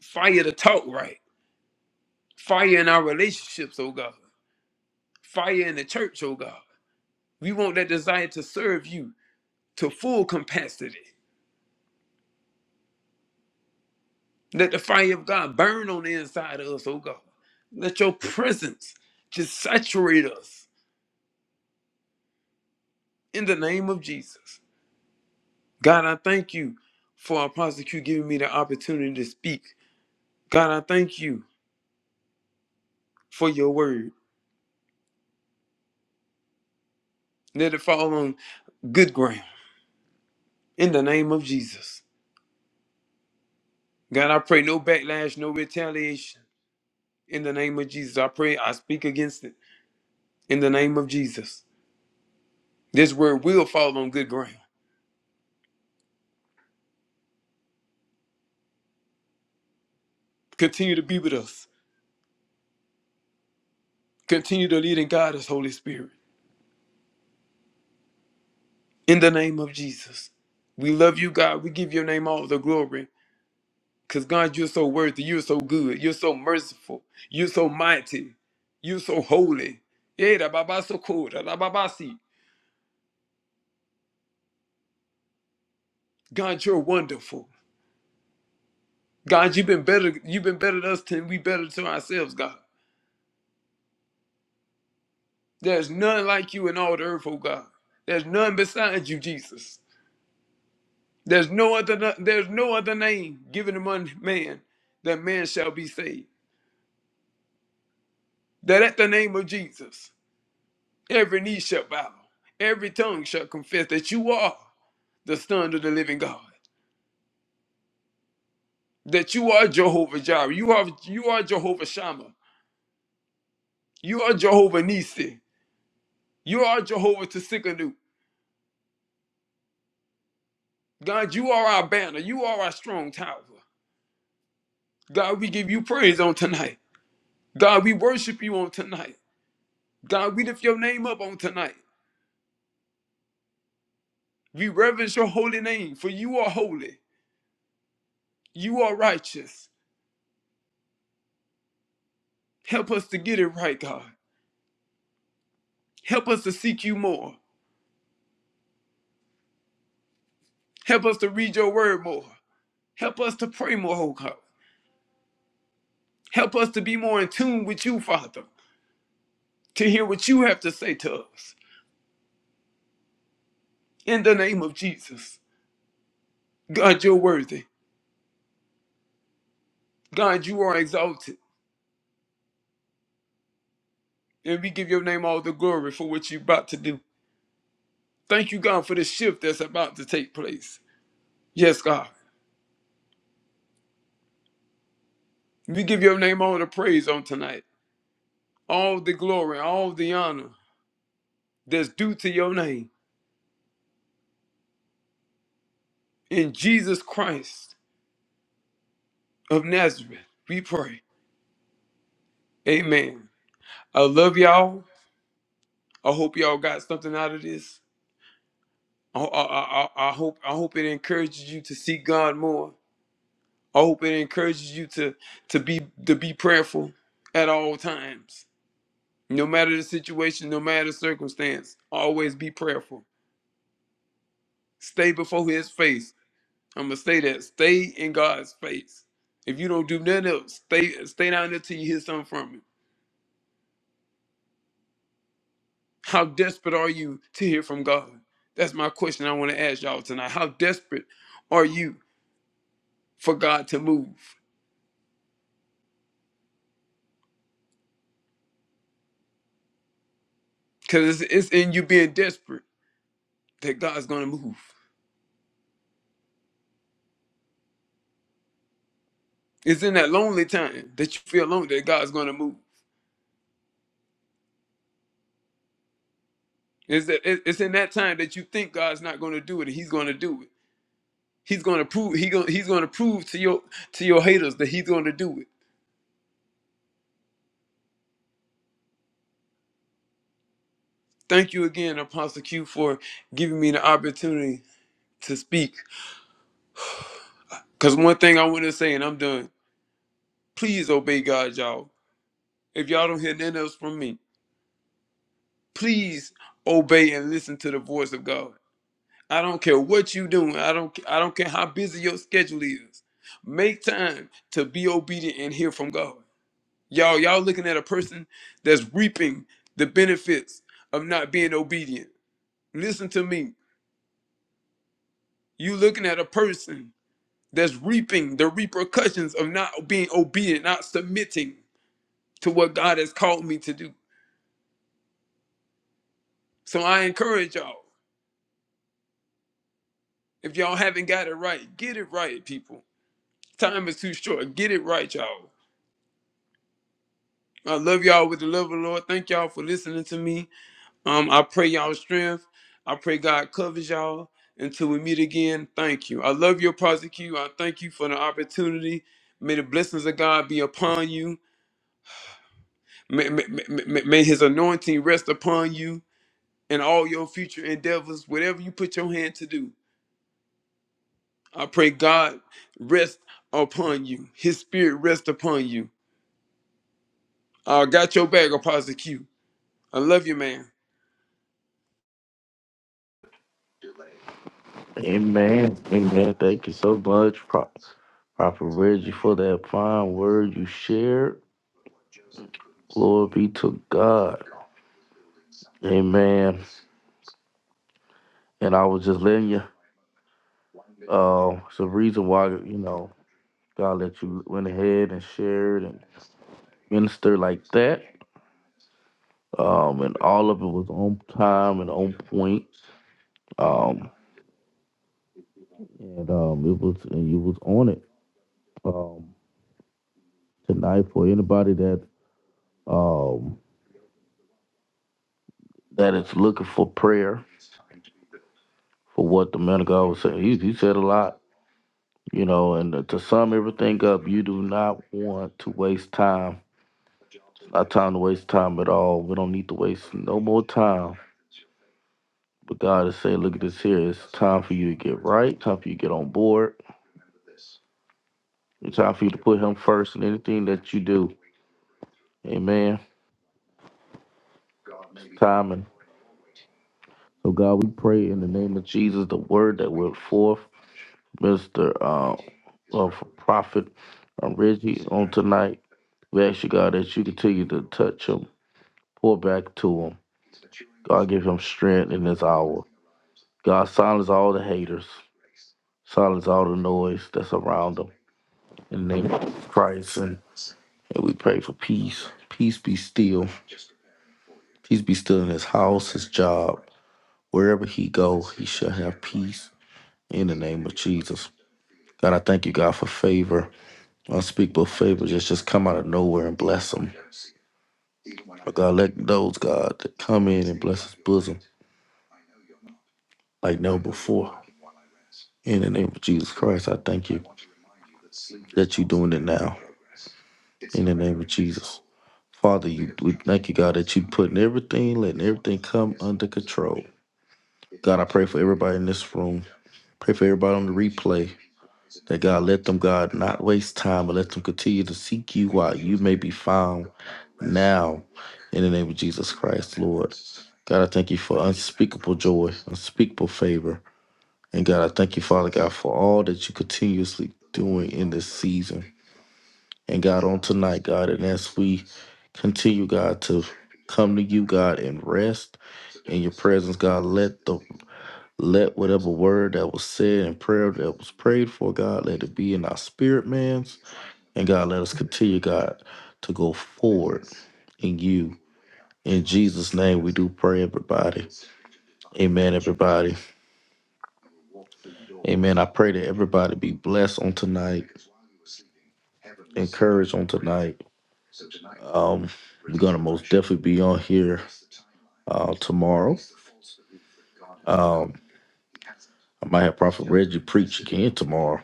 fire to talk right, fire in our relationships, oh God, fire in the church, oh God. We want that desire to serve you to full capacity. Let the fire of God burn on the inside of us, oh God. Let your presence just saturate us in the name of Jesus. God, I thank you for Apostle Q giving me the opportunity to speak. God, I thank you for your word. Let it fall on good ground in the name of Jesus. God, I pray no backlash, no retaliation in the name of Jesus. I pray I speak against it in the name of Jesus. This word will fall on good ground. Continue to be with us. Continue to lead and guide us, Holy Spirit, in the name of Jesus. We love you, God. We give your name all the glory. Because God, you're so worthy. You're so good. You're so merciful. You're so mighty. You're so holy. Yeah, da ba ba so cool, da da ba ba si. God, you're wonderful. God, you've been better. You've been better to us than we better to ourselves, God. There's none like you in all the earth, oh God. There's none besides you, Jesus. There's no other there's no other name given among man that man shall be saved. That at the name of Jesus, every knee shall bow, every tongue shall confess that you are. the Son of the Living God. That you are Jehovah Jireh. You are you are Jehovah Shammah. You are Jehovah Nisi. You are Jehovah Tsikanu. God, you are our banner. You are our strong tower. God, we give you praise on tonight. God, we worship you on tonight. God, we lift your name up on tonight. We reverence your holy name, for you are holy. You are righteous. Help us to get it right, God. Help us to seek you more. Help us to read your word more. Help us to pray more, oh God. Help us to be more in tune with you, Father, to hear what you have to say to us. In the name of Jesus. God, you're worthy. God, you are exalted. And we give your name all the glory for what you're about to do. Thank you, God, for the shift that's about to take place. Yes, God. We give your name all the praise on tonight, all the glory, all the honor that's due to your name. In Jesus Christ of Nazareth, we pray. Amen. I love y'all. I hope y'all got something out of this. I, I, I, I hope I hope it encourages you to seek God more. I hope it encourages you to to be to be prayerful at all times, no matter the situation, no matter the circumstance. Always be prayerful. Stay before His face. I'm gonna say that. Stay in God's face. If you don't do nothing else, stay stay down there till you hear something from Him. How desperate are you to hear from God? That's my question I want to ask y'all tonight. How desperate are you for God to move? Because it's, it's in you being desperate that God's going to move. It's in that lonely time that you feel alone that God's going to move. It's, that, it- it's in that time that you think God's not going to do it and he's going to do it. He's going to prove he going he's going to prove to your to your haters that he's going to do it. Thank you again Apostle Q for giving me the opportunity to speak cuz one thing I want to say and I'm done. Please obey God, y'all. If y'all don't hear nothing else from me, please obey and listen to the voice of God I don't care what you doing. I don't I don't care how busy your schedule is. Make time to be obedient and hear from God. Y'all, y'all looking at a person that's reaping the benefits of not being obedient. Listen to me. You looking at a person that's reaping the repercussions of not being obedient, not submitting to what God has called me to do. So I encourage y'all. If y'all haven't got it right, get it right, people. Time is too short. Get it right, y'all. I love y'all with the love of the Lord. Thank y'all for listening to me. Um, I pray y'all strength. I pray God covers y'all until we meet again. Thank you. I love your prosecute. I thank you for the opportunity. May the blessings of God be upon you. May, may, may, may may His anointing rest upon you and all your future endeavors, whatever you put your hand to do. I pray God rest upon you. His spirit rest upon you. I got your back, Apostle Q. I love you, man. Amen. Amen. Thank you so much, Pro- Prophet Reggie, for that fine word you shared. Glory be to God. Amen. And I was just letting you. Uh, it's a reason why you know God let you went ahead and shared and ministered like that. Um, and all of it was on time and on point. Um, and um, it was and you was on it um, tonight for anybody that um, that is looking for prayer for what the man of God was saying. He, he said a lot, you know. And to sum everything up, you do not want to waste time. It's Not time to waste time at all. We don't need to waste no more time. But God is saying, look at this here. It's time for you to get right. Time for you to get on board. It's time for you to put Him first in anything that you do. Amen. It's timing. So God, we pray in the name of Jesus, the word that went forth, Mr. Uh, uh, Prophet uh, Reggie on tonight. We ask you, God, that you continue to touch him, pour back to him. God, give him strength in this hour. God, silence all the haters, silence all the noise that's around him. In the name of Christ, and, and we pray for peace. Peace be still. Peace be still in his house, his job. Wherever he go, he shall have peace in the name of Jesus. God, I thank you, God, for favor, unspeakable favor. Just, just come out of nowhere and bless them. But God, let those, God, that come in and bless his bosom like never before. In the name of Jesus Christ, I thank you that you're doing it now. In the name of Jesus. Father, you, we thank you, God, that you putting everything, letting everything come under control. God, I pray for everybody in this room. Pray for everybody on the replay. That God let them, God, not waste time, but let them continue to seek you while you may be found now in the name of Jesus Christ, Lord. God, I thank you for unspeakable joy, unspeakable favor. And God, I thank you, Father God, for all that you continuously doing in this season. And God, on tonight, God, and as we continue, God, to come to you, God, and rest in your presence, God, let the let whatever word that was said and prayer that was prayed for, God, let it be in our spirit, man's. And God, let us continue, God, to go forward in you. In Jesus' name, we do pray, everybody. Amen, everybody. Amen. I pray that everybody be blessed on tonight, encouraged on tonight. Um, we're gonna most definitely be on here uh, tomorrow. Um, I might have Prophet Reggie preach again tomorrow.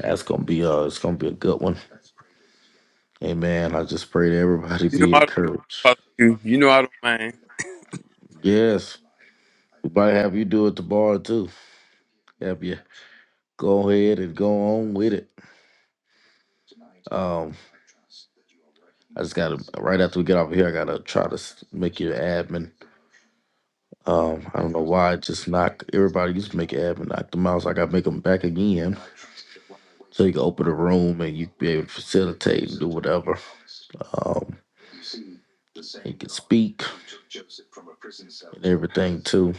That's gonna be uh it's gonna be a good one. Amen. I just pray that everybody You know be I don't mind. encouraged. Apostle Q. You know I don't mind. Yes. We might have you do it tomorrow too. Have you go ahead and go on with it. Um I just gotta right after we get off of here, I gotta try to s- make you an admin. Um, I don't know why I just knock everybody used to make an admin, knock them out. So I gotta make them back again, so you can open a room and you be able to facilitate and do whatever. Um. He could speak and everything too.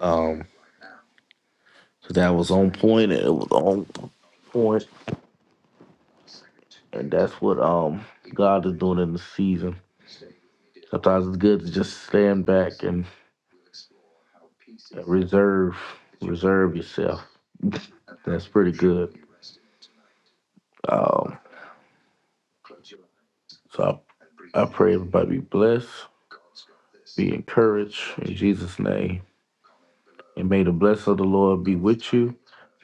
Um, so that was on point, and it was on point, and that's what um God is doing in the season. Sometimes it's good to just stand back and reserve, reserve yourself. That's pretty good. Um, so I, I pray everybody be blessed, be encouraged in Jesus' name. And may the blessing of the Lord be with you.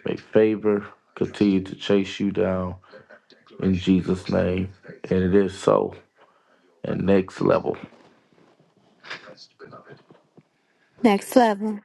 May favor continue to chase you down in Jesus' name. And it is so. And next level. Next level.